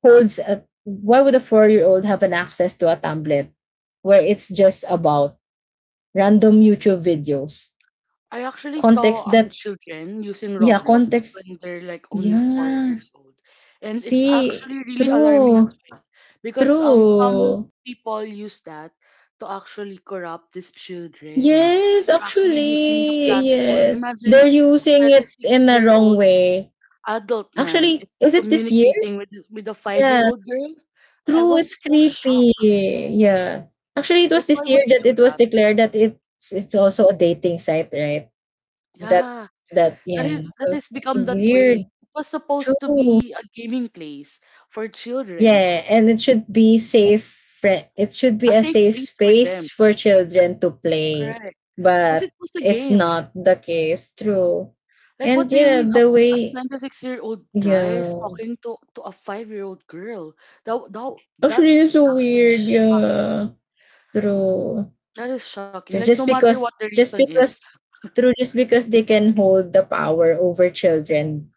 [SPEAKER 2] holds a why would a 4 year old have an access to a tablet where it's just about random YouTube videos?
[SPEAKER 1] I actually saw
[SPEAKER 2] Context that,
[SPEAKER 1] children using
[SPEAKER 2] yeah,
[SPEAKER 1] Roblox
[SPEAKER 2] context,
[SPEAKER 1] when they're like only four
[SPEAKER 2] yeah.
[SPEAKER 1] years old, and it's
[SPEAKER 2] See,
[SPEAKER 1] actually really alarming as
[SPEAKER 2] true,
[SPEAKER 1] well, because some
[SPEAKER 2] true.
[SPEAKER 1] people use that to actually corrupt these children.
[SPEAKER 2] Yes,
[SPEAKER 1] They're actually using the
[SPEAKER 2] actually,
[SPEAKER 1] platform.
[SPEAKER 2] yes.
[SPEAKER 1] Imagine,
[SPEAKER 2] They're
[SPEAKER 1] a
[SPEAKER 2] using it in a wrong
[SPEAKER 1] 26-year-old
[SPEAKER 2] way.
[SPEAKER 1] adult man
[SPEAKER 2] Actually,
[SPEAKER 1] is
[SPEAKER 2] is it this year?
[SPEAKER 1] communicating with a
[SPEAKER 2] Yeah.
[SPEAKER 1] 5-year-old girl. I
[SPEAKER 2] True,
[SPEAKER 1] was
[SPEAKER 2] it's
[SPEAKER 1] so
[SPEAKER 2] creepy.
[SPEAKER 1] shocked.
[SPEAKER 2] Yeah. Actually, it
[SPEAKER 1] Like,
[SPEAKER 2] was
[SPEAKER 1] why
[SPEAKER 2] this year
[SPEAKER 1] would you
[SPEAKER 2] that
[SPEAKER 1] do
[SPEAKER 2] it was
[SPEAKER 1] that?
[SPEAKER 2] declared that it's also a dating site, right? That
[SPEAKER 1] Yeah.
[SPEAKER 2] that yeah.
[SPEAKER 1] That
[SPEAKER 2] So
[SPEAKER 1] has become that way.
[SPEAKER 2] weird.
[SPEAKER 1] It was supposed to
[SPEAKER 2] True.
[SPEAKER 1] be a gaming place for
[SPEAKER 2] Yeah,
[SPEAKER 1] children,
[SPEAKER 2] and it should be safe. It should be
[SPEAKER 1] a
[SPEAKER 2] a
[SPEAKER 1] safe
[SPEAKER 2] safe
[SPEAKER 1] place for them.
[SPEAKER 2] space for children to play,
[SPEAKER 1] Correct. Because it
[SPEAKER 2] but
[SPEAKER 1] was a
[SPEAKER 2] it's
[SPEAKER 1] game.
[SPEAKER 2] not the case. True,
[SPEAKER 1] Like, what
[SPEAKER 2] and
[SPEAKER 1] do you
[SPEAKER 2] yeah,
[SPEAKER 1] mean,
[SPEAKER 2] the
[SPEAKER 1] a
[SPEAKER 2] way,
[SPEAKER 1] 26-year-old guy is
[SPEAKER 2] yeah,
[SPEAKER 1] talking to a 5-year-old girl? That, that, that
[SPEAKER 2] actually, it's
[SPEAKER 1] is
[SPEAKER 2] so
[SPEAKER 1] actually
[SPEAKER 2] weird.
[SPEAKER 1] shocking.
[SPEAKER 2] Yeah, true.
[SPEAKER 1] That is shocking.
[SPEAKER 2] Ju-
[SPEAKER 1] Like, no
[SPEAKER 2] Just
[SPEAKER 1] matter what
[SPEAKER 2] because,
[SPEAKER 1] the reason
[SPEAKER 2] just
[SPEAKER 1] is.
[SPEAKER 2] because, true. Just because they can hold the power over children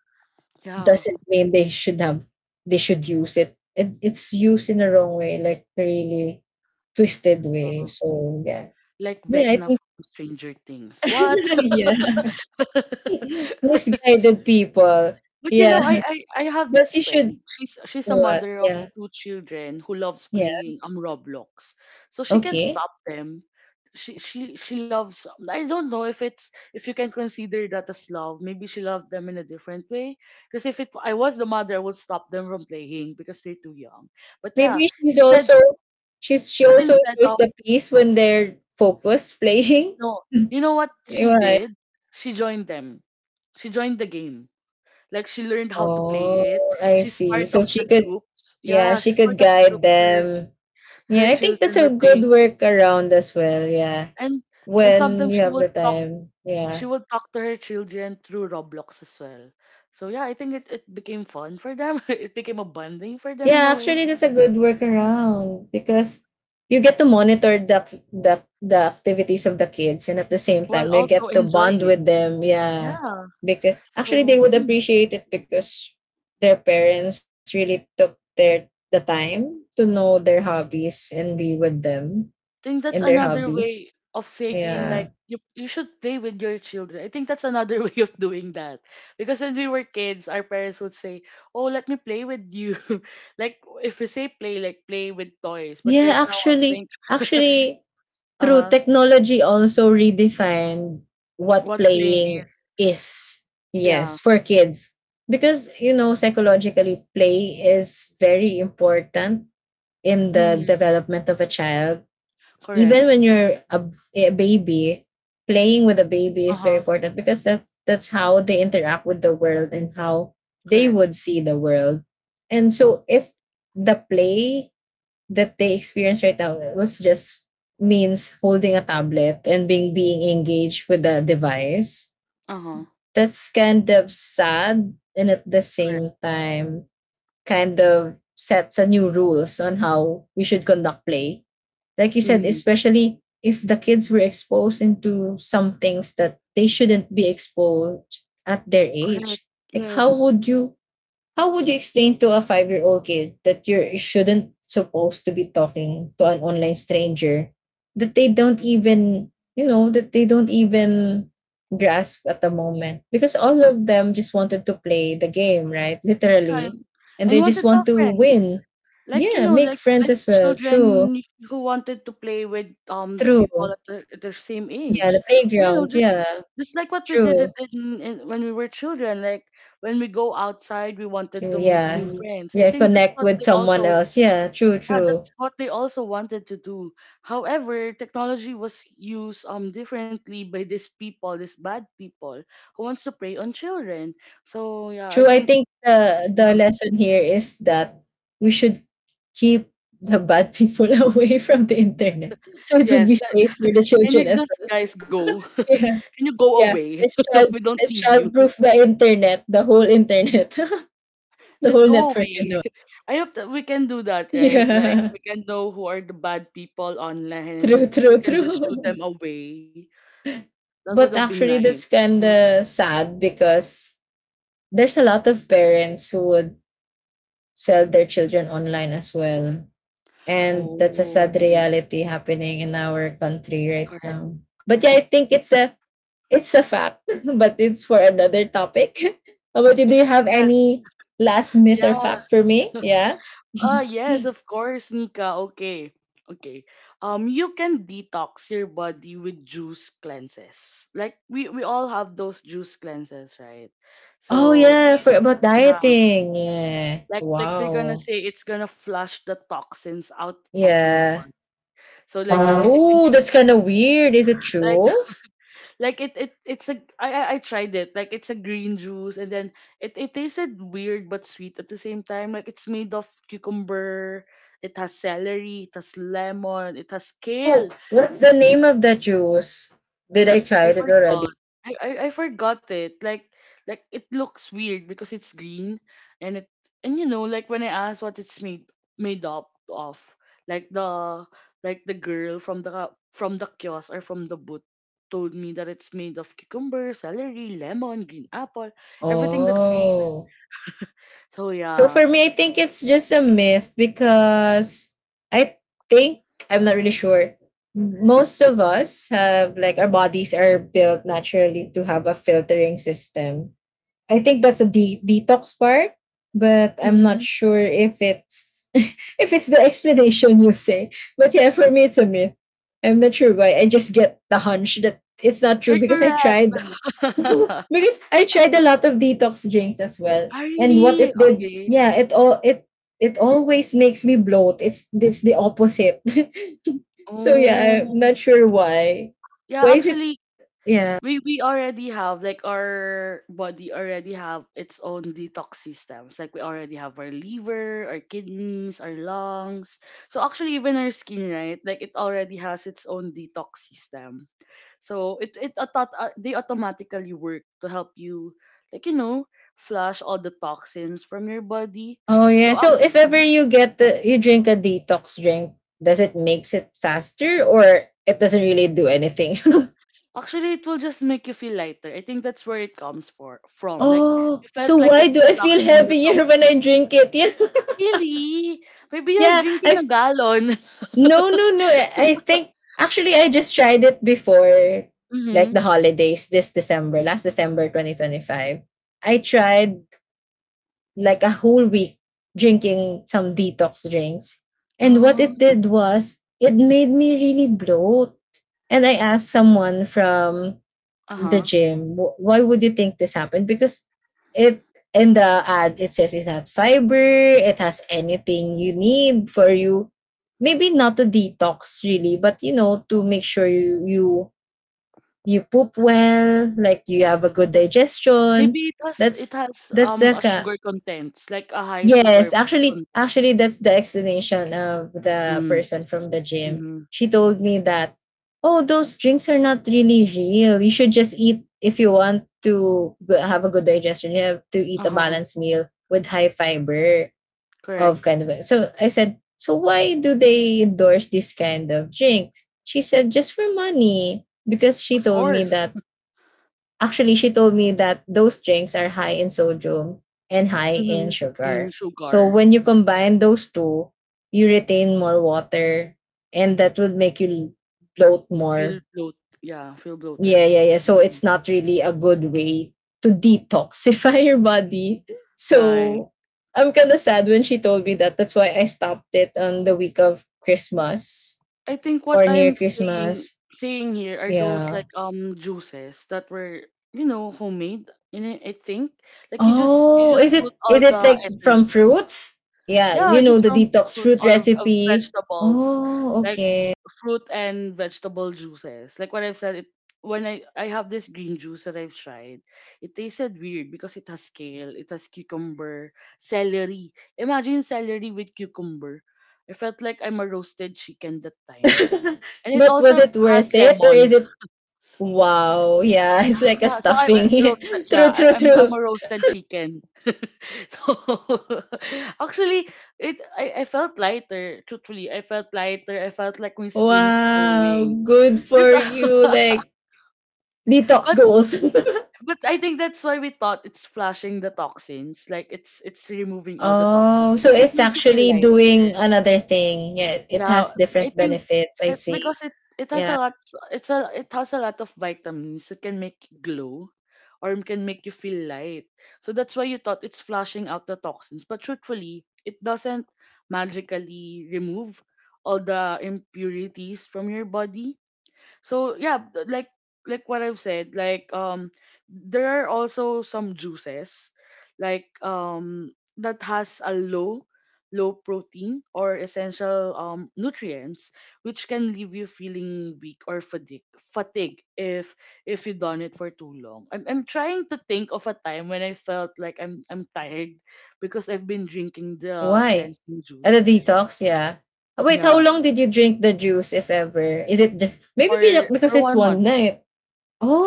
[SPEAKER 1] Yeah.
[SPEAKER 2] doesn't mean they should use it. It's used in a wrong way, like really twisted way.
[SPEAKER 1] uh,
[SPEAKER 2] So yeah.
[SPEAKER 1] like
[SPEAKER 2] Yeah, I
[SPEAKER 1] Vecna
[SPEAKER 2] think
[SPEAKER 1] from Stranger Things. What?
[SPEAKER 2] yeah. Misguided people.
[SPEAKER 1] But you
[SPEAKER 2] Yeah.
[SPEAKER 1] know, I have
[SPEAKER 2] But
[SPEAKER 1] this
[SPEAKER 2] you should
[SPEAKER 1] friend. She's a
[SPEAKER 2] what?
[SPEAKER 1] mother of
[SPEAKER 2] Yeah.
[SPEAKER 1] two children who loves
[SPEAKER 2] Yeah.
[SPEAKER 1] playing Roblox. So she can
[SPEAKER 2] Okay.
[SPEAKER 1] stop them. She loves. I don't know if you can consider that as love. Maybe she loved them in a different way. Because if it I was the mother, I would stop them from playing because they're too young. But yeah,
[SPEAKER 2] Maybe
[SPEAKER 1] instead
[SPEAKER 2] she
[SPEAKER 1] but
[SPEAKER 2] also
[SPEAKER 1] instead
[SPEAKER 2] enjoys
[SPEAKER 1] of
[SPEAKER 2] the peace when they're focused playing.
[SPEAKER 1] no, you know what she
[SPEAKER 2] You Right.
[SPEAKER 1] did? She joined them. She joined the game. Like, she learned how to play
[SPEAKER 2] Oh,
[SPEAKER 1] it.
[SPEAKER 2] I
[SPEAKER 1] She's
[SPEAKER 2] see.
[SPEAKER 1] part
[SPEAKER 2] So
[SPEAKER 1] of the
[SPEAKER 2] she could,
[SPEAKER 1] groups.
[SPEAKER 2] yeah,
[SPEAKER 1] Yeah,
[SPEAKER 2] she
[SPEAKER 1] she's
[SPEAKER 2] could
[SPEAKER 1] part of the
[SPEAKER 2] guide
[SPEAKER 1] groups her
[SPEAKER 2] them. Yeah,
[SPEAKER 1] her
[SPEAKER 2] I think that's
[SPEAKER 1] children
[SPEAKER 2] a
[SPEAKER 1] were
[SPEAKER 2] good
[SPEAKER 1] playing with.
[SPEAKER 2] workaround as well. Yeah.
[SPEAKER 1] And and sometimes
[SPEAKER 2] When you have the time.
[SPEAKER 1] she
[SPEAKER 2] Yeah.
[SPEAKER 1] would talk to her children through Roblox as well. So yeah, I think it became fun for them. It became a bonding for them in
[SPEAKER 2] Yeah,
[SPEAKER 1] a way,
[SPEAKER 2] actually, that's a good workaround because you get to monitor the activities of the kids, and at the same
[SPEAKER 1] while
[SPEAKER 2] time you
[SPEAKER 1] also
[SPEAKER 2] get to
[SPEAKER 1] enjoying
[SPEAKER 2] bond
[SPEAKER 1] it.
[SPEAKER 2] with them. Yeah.
[SPEAKER 1] Yeah.
[SPEAKER 2] Because actually they
[SPEAKER 1] So,
[SPEAKER 2] would appreciate it because their parents really took the time to know their hobbies and be with them
[SPEAKER 1] think that's
[SPEAKER 2] in their
[SPEAKER 1] another
[SPEAKER 2] hobbies.
[SPEAKER 1] way of saying, like,
[SPEAKER 2] Yeah.
[SPEAKER 1] you should play with your children. I think that's another way of doing that. Because when we were kids, our parents would say, "Oh, let me play with you." Like, if we say play, like play with toys. But
[SPEAKER 2] Yeah,
[SPEAKER 1] right now, I
[SPEAKER 2] actually
[SPEAKER 1] think
[SPEAKER 2] actually true,
[SPEAKER 1] uh-huh,
[SPEAKER 2] technology also redefined what
[SPEAKER 1] what playing
[SPEAKER 2] playing
[SPEAKER 1] is.
[SPEAKER 2] is. Yes,
[SPEAKER 1] Yeah.
[SPEAKER 2] for kids. Because, you know, psychologically, play is very important in the
[SPEAKER 1] Mm,
[SPEAKER 2] development of a child.
[SPEAKER 1] correct.
[SPEAKER 2] Even when you're a baby, playing with a baby is very
[SPEAKER 1] Uh-huh.
[SPEAKER 2] important because that's how they interact with the world and how they
[SPEAKER 1] Correct.
[SPEAKER 2] would see the world. And so, if the play that they experience right now was just means holding a tablet and being engaged with the device.
[SPEAKER 1] Uh-huh.
[SPEAKER 2] That's kind of sad, and at the
[SPEAKER 1] Correct.
[SPEAKER 2] same time kind of sets a new rules on how we should conduct play. Like you said,
[SPEAKER 1] Mm,
[SPEAKER 2] especially if the kids were exposed into some things that they shouldn't be exposed at their
[SPEAKER 1] correct.
[SPEAKER 2] age. Like how
[SPEAKER 1] Yes.
[SPEAKER 2] would you how would you explain to a 5 year old kid that you shouldn't supposed to be talking to an online stranger that they don't even grasp at the moment? Because all of them just wanted to play the game, right?
[SPEAKER 1] Yeah,
[SPEAKER 2] Literally.
[SPEAKER 1] and,
[SPEAKER 2] And
[SPEAKER 1] and
[SPEAKER 2] they
[SPEAKER 1] wanted
[SPEAKER 2] just
[SPEAKER 1] to tell
[SPEAKER 2] want to
[SPEAKER 1] friends.
[SPEAKER 2] win.
[SPEAKER 1] Like,
[SPEAKER 2] Yeah, make
[SPEAKER 1] like
[SPEAKER 2] friends
[SPEAKER 1] like
[SPEAKER 2] as well.
[SPEAKER 1] children
[SPEAKER 2] True.
[SPEAKER 1] who wanted to play with
[SPEAKER 2] True.
[SPEAKER 1] people at at their same
[SPEAKER 2] Yeah,
[SPEAKER 1] age.
[SPEAKER 2] the
[SPEAKER 1] Or,
[SPEAKER 2] playground. Yeah.
[SPEAKER 1] just like what we did
[SPEAKER 2] True.
[SPEAKER 1] it in when we were children. Like, when we go outside, we wanted
[SPEAKER 2] True.
[SPEAKER 1] to meet
[SPEAKER 2] Yeah.
[SPEAKER 1] new
[SPEAKER 2] Mm.
[SPEAKER 1] friends. I
[SPEAKER 2] Yeah,
[SPEAKER 1] think
[SPEAKER 2] connect with someone else. Yeah, true, true.
[SPEAKER 1] that's what they also wanted to do. However, technology was used differently by these people, these bad people, who wants to prey on children. So yeah, I
[SPEAKER 2] True. I
[SPEAKER 1] think,
[SPEAKER 2] think the
[SPEAKER 1] mm,
[SPEAKER 2] lesson here is that we should keep the bad people away from the internet. So it would
[SPEAKER 1] yes.
[SPEAKER 2] be safe for the
[SPEAKER 1] Can
[SPEAKER 2] children
[SPEAKER 1] you
[SPEAKER 2] as
[SPEAKER 1] just
[SPEAKER 2] well.
[SPEAKER 1] guys go?
[SPEAKER 2] Yeah.
[SPEAKER 1] Can you go
[SPEAKER 2] Yeah.
[SPEAKER 1] away?
[SPEAKER 2] Let's child
[SPEAKER 1] We don't
[SPEAKER 2] let's
[SPEAKER 1] need you.
[SPEAKER 2] childproof the internet, the whole internet. The
[SPEAKER 1] Just
[SPEAKER 2] whole
[SPEAKER 1] go
[SPEAKER 2] network
[SPEAKER 1] away.
[SPEAKER 2] and all.
[SPEAKER 1] I hope that we can do that, right? Like,
[SPEAKER 2] Yeah.
[SPEAKER 1] we can know who are the bad people online, and
[SPEAKER 2] True,
[SPEAKER 1] we
[SPEAKER 2] true,
[SPEAKER 1] can just shoot
[SPEAKER 2] true.
[SPEAKER 1] them away. That would have
[SPEAKER 2] But
[SPEAKER 1] been
[SPEAKER 2] actually
[SPEAKER 1] nice.
[SPEAKER 2] that's kinda sad because there's a lot of parents who would sell their children online as well. And that's a
[SPEAKER 1] Oh,
[SPEAKER 2] sad reality happening in our country right
[SPEAKER 1] correct.
[SPEAKER 2] now. But yeah, I
[SPEAKER 1] Correct.
[SPEAKER 2] think it's a, it's a fact but it's for another topic. How about you, do you have
[SPEAKER 1] Yes.
[SPEAKER 2] any last myth or
[SPEAKER 1] Yeah.
[SPEAKER 2] fact for me? Yeah.
[SPEAKER 1] Ah, yes, of course, Nika. Okay. Okay. You can detox your body with juice cleanses. Like, we all have those juice cleanses, right?
[SPEAKER 2] Oh
[SPEAKER 1] So do.
[SPEAKER 2] yeah, for about
[SPEAKER 1] Yeah,
[SPEAKER 2] dieting. Yeah,
[SPEAKER 1] like they're gonna
[SPEAKER 2] wow.
[SPEAKER 1] say it's gonna flush the toxins out of your
[SPEAKER 2] Yeah.
[SPEAKER 1] body. So it can
[SPEAKER 2] Oh,
[SPEAKER 1] be
[SPEAKER 2] that's kind of weird, is it
[SPEAKER 1] like,
[SPEAKER 2] true?
[SPEAKER 1] like it it's a I tried it. Like, it's a green juice, and then it tasted weird but sweet at the same time. Like, it's made of cucumber, it has celery, it has lemon, it has
[SPEAKER 2] Oh,
[SPEAKER 1] kale.
[SPEAKER 2] what's the name of that juice, did I try
[SPEAKER 1] I
[SPEAKER 2] it already?
[SPEAKER 1] forgot. I forgot it. Like, it looks weird because it's green, and it, and, like, when I asked what it's made up of, like the like the girl from the kiosk or from the booth told me that it's made of cucumber, celery, lemon, green apple, everything that's green.
[SPEAKER 2] Oh.
[SPEAKER 1] So
[SPEAKER 2] So
[SPEAKER 1] yeah.
[SPEAKER 2] for me, I think it's just a myth because I think, I'm not really sure. Most of us have, like, our bodies are built naturally to have a filtering system. I think that's a detox part, but I'm not
[SPEAKER 1] Hmm.
[SPEAKER 2] sure if it's if it's the explanation you say. But yeah, for me it's a myth. I'm not sure why. I just get the hunch that it's not true
[SPEAKER 1] You're
[SPEAKER 2] because I tried. So,
[SPEAKER 1] correct.
[SPEAKER 2] because I tried a lot of detox drinks as well.
[SPEAKER 1] Ah,
[SPEAKER 2] And what
[SPEAKER 1] really?
[SPEAKER 2] it did,
[SPEAKER 1] Okay.
[SPEAKER 2] yeah, it all it it always makes me bloat. It's the opposite. So yeah, I'm
[SPEAKER 1] Oh.
[SPEAKER 2] not sure why. Why
[SPEAKER 1] Yeah,
[SPEAKER 2] is it,
[SPEAKER 1] actually,
[SPEAKER 2] yeah.
[SPEAKER 1] we already have, like, our body already have its own detox systems. Like, we already have our liver, our kidneys, our lungs, so actually, even our skin, right? Like, it already has its own detox system. So they automatically work to help you, like, flush all the toxins from your body.
[SPEAKER 2] Oh yeah.
[SPEAKER 1] So
[SPEAKER 2] So if ever you you drink a detox drink, does it makes it faster or it doesn't really do anything?
[SPEAKER 1] actually, it will just make you feel lighter. I think that's where it comes for from like.
[SPEAKER 2] Oh,
[SPEAKER 1] You felt
[SPEAKER 2] so
[SPEAKER 1] like
[SPEAKER 2] why
[SPEAKER 1] it's
[SPEAKER 2] do I feel
[SPEAKER 1] flushing the
[SPEAKER 2] heavier when I
[SPEAKER 1] toxins.
[SPEAKER 2] drink it?
[SPEAKER 1] Really? Maybe you're
[SPEAKER 2] Yeah. Yeah,
[SPEAKER 1] drinking
[SPEAKER 2] I
[SPEAKER 1] a gallon.
[SPEAKER 2] no, no, no. I think actually I just tried it before like
[SPEAKER 1] Mm-hmm.
[SPEAKER 2] the holidays this December, last December 2025. I tried like a whole week drinking some detox drinks. And what
[SPEAKER 1] Oh,
[SPEAKER 2] it did was it made me really bloat. And I asked someone from the
[SPEAKER 1] uh-huh.
[SPEAKER 2] gym. Why would you think this happened? Because it in the ad it says it has fiber, it has anything you need for you. Maybe not to detox really, but you know, to make sure you, you poop
[SPEAKER 1] That's true.
[SPEAKER 2] well, like you have a good digestion.
[SPEAKER 1] Maybe it
[SPEAKER 2] That's
[SPEAKER 1] has
[SPEAKER 2] that's the
[SPEAKER 1] a
[SPEAKER 2] ka
[SPEAKER 1] sugar content. It's like a high sugar
[SPEAKER 2] Yes, actually,
[SPEAKER 1] content.
[SPEAKER 2] that's the explanation of the
[SPEAKER 1] Mm.
[SPEAKER 2] person
[SPEAKER 1] See.
[SPEAKER 2] from the gym.
[SPEAKER 1] Mm-hmm.
[SPEAKER 2] She told me that, oh, those drinks are not really real. You should just eat if you want to have a good digestion. You have to eat a
[SPEAKER 1] Uh-huh.
[SPEAKER 2] balanced meal with high fiber, of
[SPEAKER 1] Correct.
[SPEAKER 2] kind of. So I said, so why do they endorse this kind of drink? She said, just for money, because she
[SPEAKER 1] Of
[SPEAKER 2] told me
[SPEAKER 1] course.
[SPEAKER 2] that. Actually, she told me that those drinks are high in sodium and high in
[SPEAKER 1] Mm-hmm. In
[SPEAKER 2] sugar. So
[SPEAKER 1] sugar.
[SPEAKER 2] when you combine those two, you retain more water and that would make you bloat
[SPEAKER 1] Feel
[SPEAKER 2] more.
[SPEAKER 1] bloat yeah, feel
[SPEAKER 2] Yeah,
[SPEAKER 1] bloated.
[SPEAKER 2] yeah, yeah. So
[SPEAKER 1] Mm.
[SPEAKER 2] it's not really a good way to detoxify your body.
[SPEAKER 1] Right.
[SPEAKER 2] So I'm kind of sad when she told me that. That's why I stopped it on the week of Christmas
[SPEAKER 1] I think what
[SPEAKER 2] or near
[SPEAKER 1] I'm
[SPEAKER 2] Christmas.
[SPEAKER 1] saying here are those,
[SPEAKER 2] Yeah.
[SPEAKER 1] like, juices that were, homemade in it. I think, like, you
[SPEAKER 2] Oh,
[SPEAKER 1] just
[SPEAKER 2] is
[SPEAKER 1] put
[SPEAKER 2] it
[SPEAKER 1] all
[SPEAKER 2] is it
[SPEAKER 1] the
[SPEAKER 2] like from
[SPEAKER 1] essence.
[SPEAKER 2] fruits? Yeah,
[SPEAKER 1] Yeah,
[SPEAKER 2] you
[SPEAKER 1] or
[SPEAKER 2] know,
[SPEAKER 1] just
[SPEAKER 2] the
[SPEAKER 1] from
[SPEAKER 2] detox
[SPEAKER 1] fruits
[SPEAKER 2] fruit
[SPEAKER 1] or,
[SPEAKER 2] recipe.
[SPEAKER 1] vegetables,
[SPEAKER 2] Oh,
[SPEAKER 1] like
[SPEAKER 2] okay.
[SPEAKER 1] fruit and vegetable juices. Like what I've said, it when I have this green juice that I've tried, it tasted weird because it has kale, it has cucumber, celery. Imagine celery with cucumber. I felt like I'm a roasted chicken that time, and it
[SPEAKER 2] But was
[SPEAKER 1] also
[SPEAKER 2] it
[SPEAKER 1] has
[SPEAKER 2] worth it, or
[SPEAKER 1] lemon.
[SPEAKER 2] is it, wow, yeah, it's like a
[SPEAKER 1] Yeah, so I'm a
[SPEAKER 2] stuffing.
[SPEAKER 1] roasted. Yeah,
[SPEAKER 2] True,
[SPEAKER 1] I,
[SPEAKER 2] true,
[SPEAKER 1] I'm I'm
[SPEAKER 2] true.
[SPEAKER 1] a roasted chicken. So, actually, I felt lighter. Truthfully, I felt lighter. I felt like my skin is
[SPEAKER 2] Wow,
[SPEAKER 1] glowing.
[SPEAKER 2] good
[SPEAKER 1] Just,
[SPEAKER 2] for you, like detox
[SPEAKER 1] but
[SPEAKER 2] goals.
[SPEAKER 1] but I think that's why we thought it's flushing the toxins. Like, it's removing all the toxins
[SPEAKER 2] Oh, so
[SPEAKER 1] because it
[SPEAKER 2] it's
[SPEAKER 1] made you feel
[SPEAKER 2] actually
[SPEAKER 1] lighter.
[SPEAKER 2] doing another thing. Yeah, it
[SPEAKER 1] Yeah,
[SPEAKER 2] has
[SPEAKER 1] I
[SPEAKER 2] different
[SPEAKER 1] think
[SPEAKER 2] benefits. I
[SPEAKER 1] it's
[SPEAKER 2] see.
[SPEAKER 1] because it has a
[SPEAKER 2] Yeah.
[SPEAKER 1] lot it has a lot of vitamins. It can make you glow, or it can make you feel light. So that's why you thought it's flushing out the toxins, but truthfully, it doesn't magically remove all the impurities from your body. So yeah, like what I've said, like, there are also some juices, like, that has a low protein or essential nutrients, which can leave you feeling weak or fatigue if you done it for too long. I'm trying to think of a time when I felt like I'm tired because I've been drinking the
[SPEAKER 2] Why?
[SPEAKER 1] cleansing
[SPEAKER 2] At
[SPEAKER 1] juice.
[SPEAKER 2] a detox, yeah. Wait, how
[SPEAKER 1] Yeah.
[SPEAKER 2] long did you drink the juice, if ever? Is it just maybe
[SPEAKER 1] For
[SPEAKER 2] because it's
[SPEAKER 1] one month.
[SPEAKER 2] one night?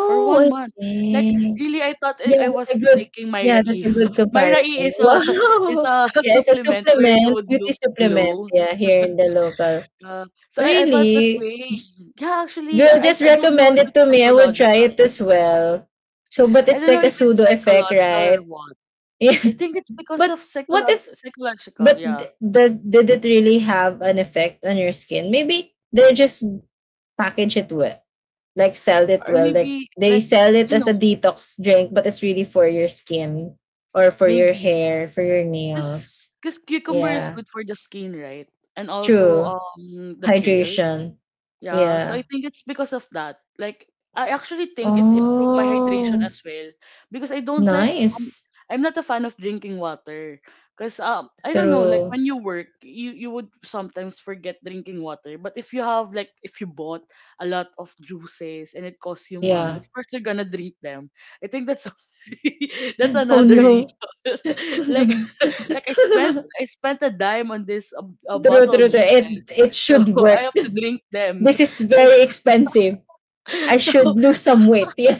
[SPEAKER 1] For one
[SPEAKER 2] I
[SPEAKER 1] month. Like,
[SPEAKER 2] see.
[SPEAKER 1] really, I thought
[SPEAKER 2] Yeah,
[SPEAKER 1] I
[SPEAKER 2] that's
[SPEAKER 1] was
[SPEAKER 2] a good.
[SPEAKER 1] taking my
[SPEAKER 2] Yeah, that's
[SPEAKER 1] rai.
[SPEAKER 2] a good
[SPEAKER 1] My
[SPEAKER 2] comparison.
[SPEAKER 1] rai is a, is
[SPEAKER 2] Wow.
[SPEAKER 1] a
[SPEAKER 2] Yeah, it's a
[SPEAKER 1] supplement where you
[SPEAKER 2] supplement,
[SPEAKER 1] would
[SPEAKER 2] beauty
[SPEAKER 1] look
[SPEAKER 2] supplement.
[SPEAKER 1] glow.
[SPEAKER 2] Yeah, here in the local.
[SPEAKER 1] So I felt that
[SPEAKER 2] Really,
[SPEAKER 1] way. Yeah, actually,
[SPEAKER 2] Girl, just
[SPEAKER 1] I don't know
[SPEAKER 2] recommend
[SPEAKER 1] if
[SPEAKER 2] it
[SPEAKER 1] it's
[SPEAKER 2] to me. I would try it
[SPEAKER 1] psychological.
[SPEAKER 2] as well. So, but
[SPEAKER 1] I
[SPEAKER 2] it's
[SPEAKER 1] don't
[SPEAKER 2] like
[SPEAKER 1] know
[SPEAKER 2] a
[SPEAKER 1] if it's
[SPEAKER 2] pseudo effect,
[SPEAKER 1] psychological or
[SPEAKER 2] right?
[SPEAKER 1] what.
[SPEAKER 2] Yeah.
[SPEAKER 1] I think it's because
[SPEAKER 2] But
[SPEAKER 1] of
[SPEAKER 2] what if
[SPEAKER 1] psychological,
[SPEAKER 2] But
[SPEAKER 1] yeah,
[SPEAKER 2] d- does Did it really have an effect on your skin? Maybe they just package it well, like sell it
[SPEAKER 1] or
[SPEAKER 2] well, like
[SPEAKER 1] maybe,
[SPEAKER 2] they
[SPEAKER 1] like,
[SPEAKER 2] sell it
[SPEAKER 1] you
[SPEAKER 2] as
[SPEAKER 1] know
[SPEAKER 2] a detox drink, but it's really for your skin, or for your
[SPEAKER 1] maybe,
[SPEAKER 2] hair, for your
[SPEAKER 1] because
[SPEAKER 2] nails.
[SPEAKER 1] because cucumber is
[SPEAKER 2] Yeah,
[SPEAKER 1] good for the skin, right? And also
[SPEAKER 2] true.
[SPEAKER 1] the kale.
[SPEAKER 2] Hydration.
[SPEAKER 1] Yeah, so
[SPEAKER 2] Yeah.
[SPEAKER 1] I think it's because of that. Like, I actually think it improved my hydration
[SPEAKER 2] Oh,
[SPEAKER 1] as well, because I don't like um,
[SPEAKER 2] nice.
[SPEAKER 1] I'm not a fan of drinking water. Because I don't know, like,
[SPEAKER 2] True.
[SPEAKER 1] when you work, you would sometimes forget drinking water. But if you have, like, if you bought a lot of juices and it costs you money,
[SPEAKER 2] Yeah.
[SPEAKER 1] of course you're gonna drink them. I think that's that's
[SPEAKER 2] Oh
[SPEAKER 1] another
[SPEAKER 2] no.
[SPEAKER 1] reason. Like,
[SPEAKER 2] True,
[SPEAKER 1] like, I spent a dime on this, a
[SPEAKER 2] true,
[SPEAKER 1] bottle of
[SPEAKER 2] true. It
[SPEAKER 1] juices,
[SPEAKER 2] it
[SPEAKER 1] so
[SPEAKER 2] should
[SPEAKER 1] I
[SPEAKER 2] work.
[SPEAKER 1] have to drink them.
[SPEAKER 2] This is very expensive. I
[SPEAKER 1] So,
[SPEAKER 2] should lose some weight. Yeah.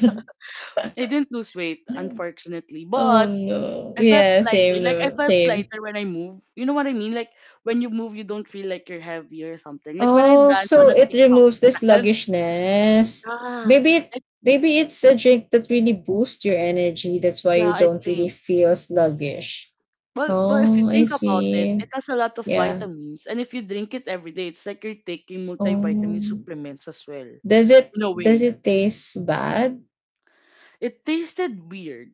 [SPEAKER 1] I didn't lose weight, unfortunately.
[SPEAKER 2] Oh
[SPEAKER 1] But
[SPEAKER 2] no.
[SPEAKER 1] I felt
[SPEAKER 2] Yeah,
[SPEAKER 1] lighter.
[SPEAKER 2] same,
[SPEAKER 1] Like, I
[SPEAKER 2] no.
[SPEAKER 1] felt
[SPEAKER 2] Same.
[SPEAKER 1] lighter when I move. You know what I mean? Like, when you move, you don't feel like you're heavy or something. Like when I
[SPEAKER 2] Oh,
[SPEAKER 1] dance
[SPEAKER 2] so
[SPEAKER 1] on a
[SPEAKER 2] it
[SPEAKER 1] TikTok
[SPEAKER 2] removes the
[SPEAKER 1] dance.
[SPEAKER 2] sluggishness.
[SPEAKER 1] Ah,
[SPEAKER 2] Maybe it
[SPEAKER 1] like,
[SPEAKER 2] maybe it's a drink that really boosts your energy. That's why
[SPEAKER 1] yeah,
[SPEAKER 2] you
[SPEAKER 1] I
[SPEAKER 2] don't really
[SPEAKER 1] think.
[SPEAKER 2] feel sluggish.
[SPEAKER 1] Well, if you
[SPEAKER 2] Oh, I
[SPEAKER 1] think about it,
[SPEAKER 2] see.
[SPEAKER 1] it has a lot of
[SPEAKER 2] Yeah.
[SPEAKER 1] vitamins, and if you drink it every day, it's like you're taking multivitamin
[SPEAKER 2] Oh.
[SPEAKER 1] supplements as well,
[SPEAKER 2] Does it
[SPEAKER 1] in a
[SPEAKER 2] does
[SPEAKER 1] way.
[SPEAKER 2] it taste bad?
[SPEAKER 1] It tasted weird.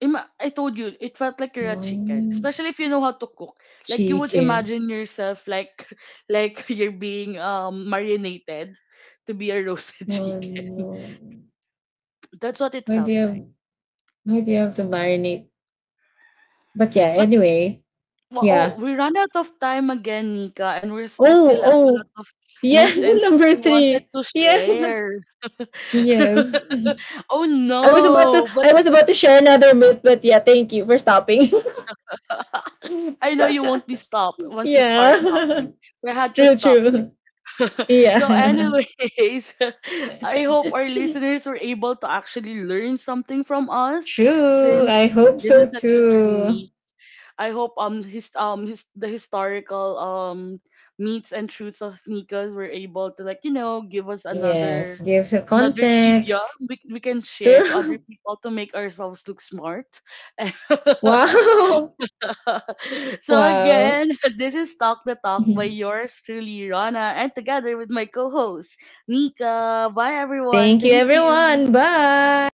[SPEAKER 1] I told you, it felt like you're a chicken,
[SPEAKER 2] Oh.
[SPEAKER 1] especially if you know how to cook. Like, you would
[SPEAKER 2] Chicken.
[SPEAKER 1] imagine yourself, like, like, you're being marinated to be a roasted
[SPEAKER 2] Oh
[SPEAKER 1] chicken.
[SPEAKER 2] no.
[SPEAKER 1] That's what it
[SPEAKER 2] Why do you
[SPEAKER 1] felt like.
[SPEAKER 2] have why do you have to marinate? But yeah,
[SPEAKER 1] But
[SPEAKER 2] anyway,
[SPEAKER 1] oh,
[SPEAKER 2] yeah.
[SPEAKER 1] we ran out of time again, Nika, and we
[SPEAKER 2] Oh,
[SPEAKER 1] still have a lot
[SPEAKER 2] oh,
[SPEAKER 1] of
[SPEAKER 2] yeah,
[SPEAKER 1] meats and truths
[SPEAKER 2] number
[SPEAKER 1] we wanted
[SPEAKER 2] three.
[SPEAKER 1] to
[SPEAKER 2] Yeah,
[SPEAKER 1] share.
[SPEAKER 2] yes.
[SPEAKER 1] Oh
[SPEAKER 2] I was about to,
[SPEAKER 1] no! But
[SPEAKER 2] I was about to share another myth, but yeah, thank you for stopping.
[SPEAKER 1] I know you won't be stopped once you start
[SPEAKER 2] Yeah,
[SPEAKER 1] talking, so I had to
[SPEAKER 2] true,
[SPEAKER 1] stop this.
[SPEAKER 2] true.
[SPEAKER 1] So
[SPEAKER 2] Yeah,
[SPEAKER 1] anyways, I hope our listeners were able to actually learn something from us,
[SPEAKER 2] true.
[SPEAKER 1] since
[SPEAKER 2] I hope
[SPEAKER 1] this is
[SPEAKER 2] so
[SPEAKER 1] the truth or
[SPEAKER 2] too.
[SPEAKER 1] me. I hope, his the historical meats and truths of Nika's, were able to, like, give us
[SPEAKER 2] Yes, give the
[SPEAKER 1] another trivia
[SPEAKER 2] context.
[SPEAKER 1] we, can share to other
[SPEAKER 2] True.
[SPEAKER 1] people, to make ourselves look smart.
[SPEAKER 2] Wow,
[SPEAKER 1] So
[SPEAKER 2] wow.
[SPEAKER 1] again, this is Talk the Talk by yours truly, Rana, and together with my co-host, Nika. Bye everyone.
[SPEAKER 2] Thank you,
[SPEAKER 1] Thank you.
[SPEAKER 2] everyone. Bye.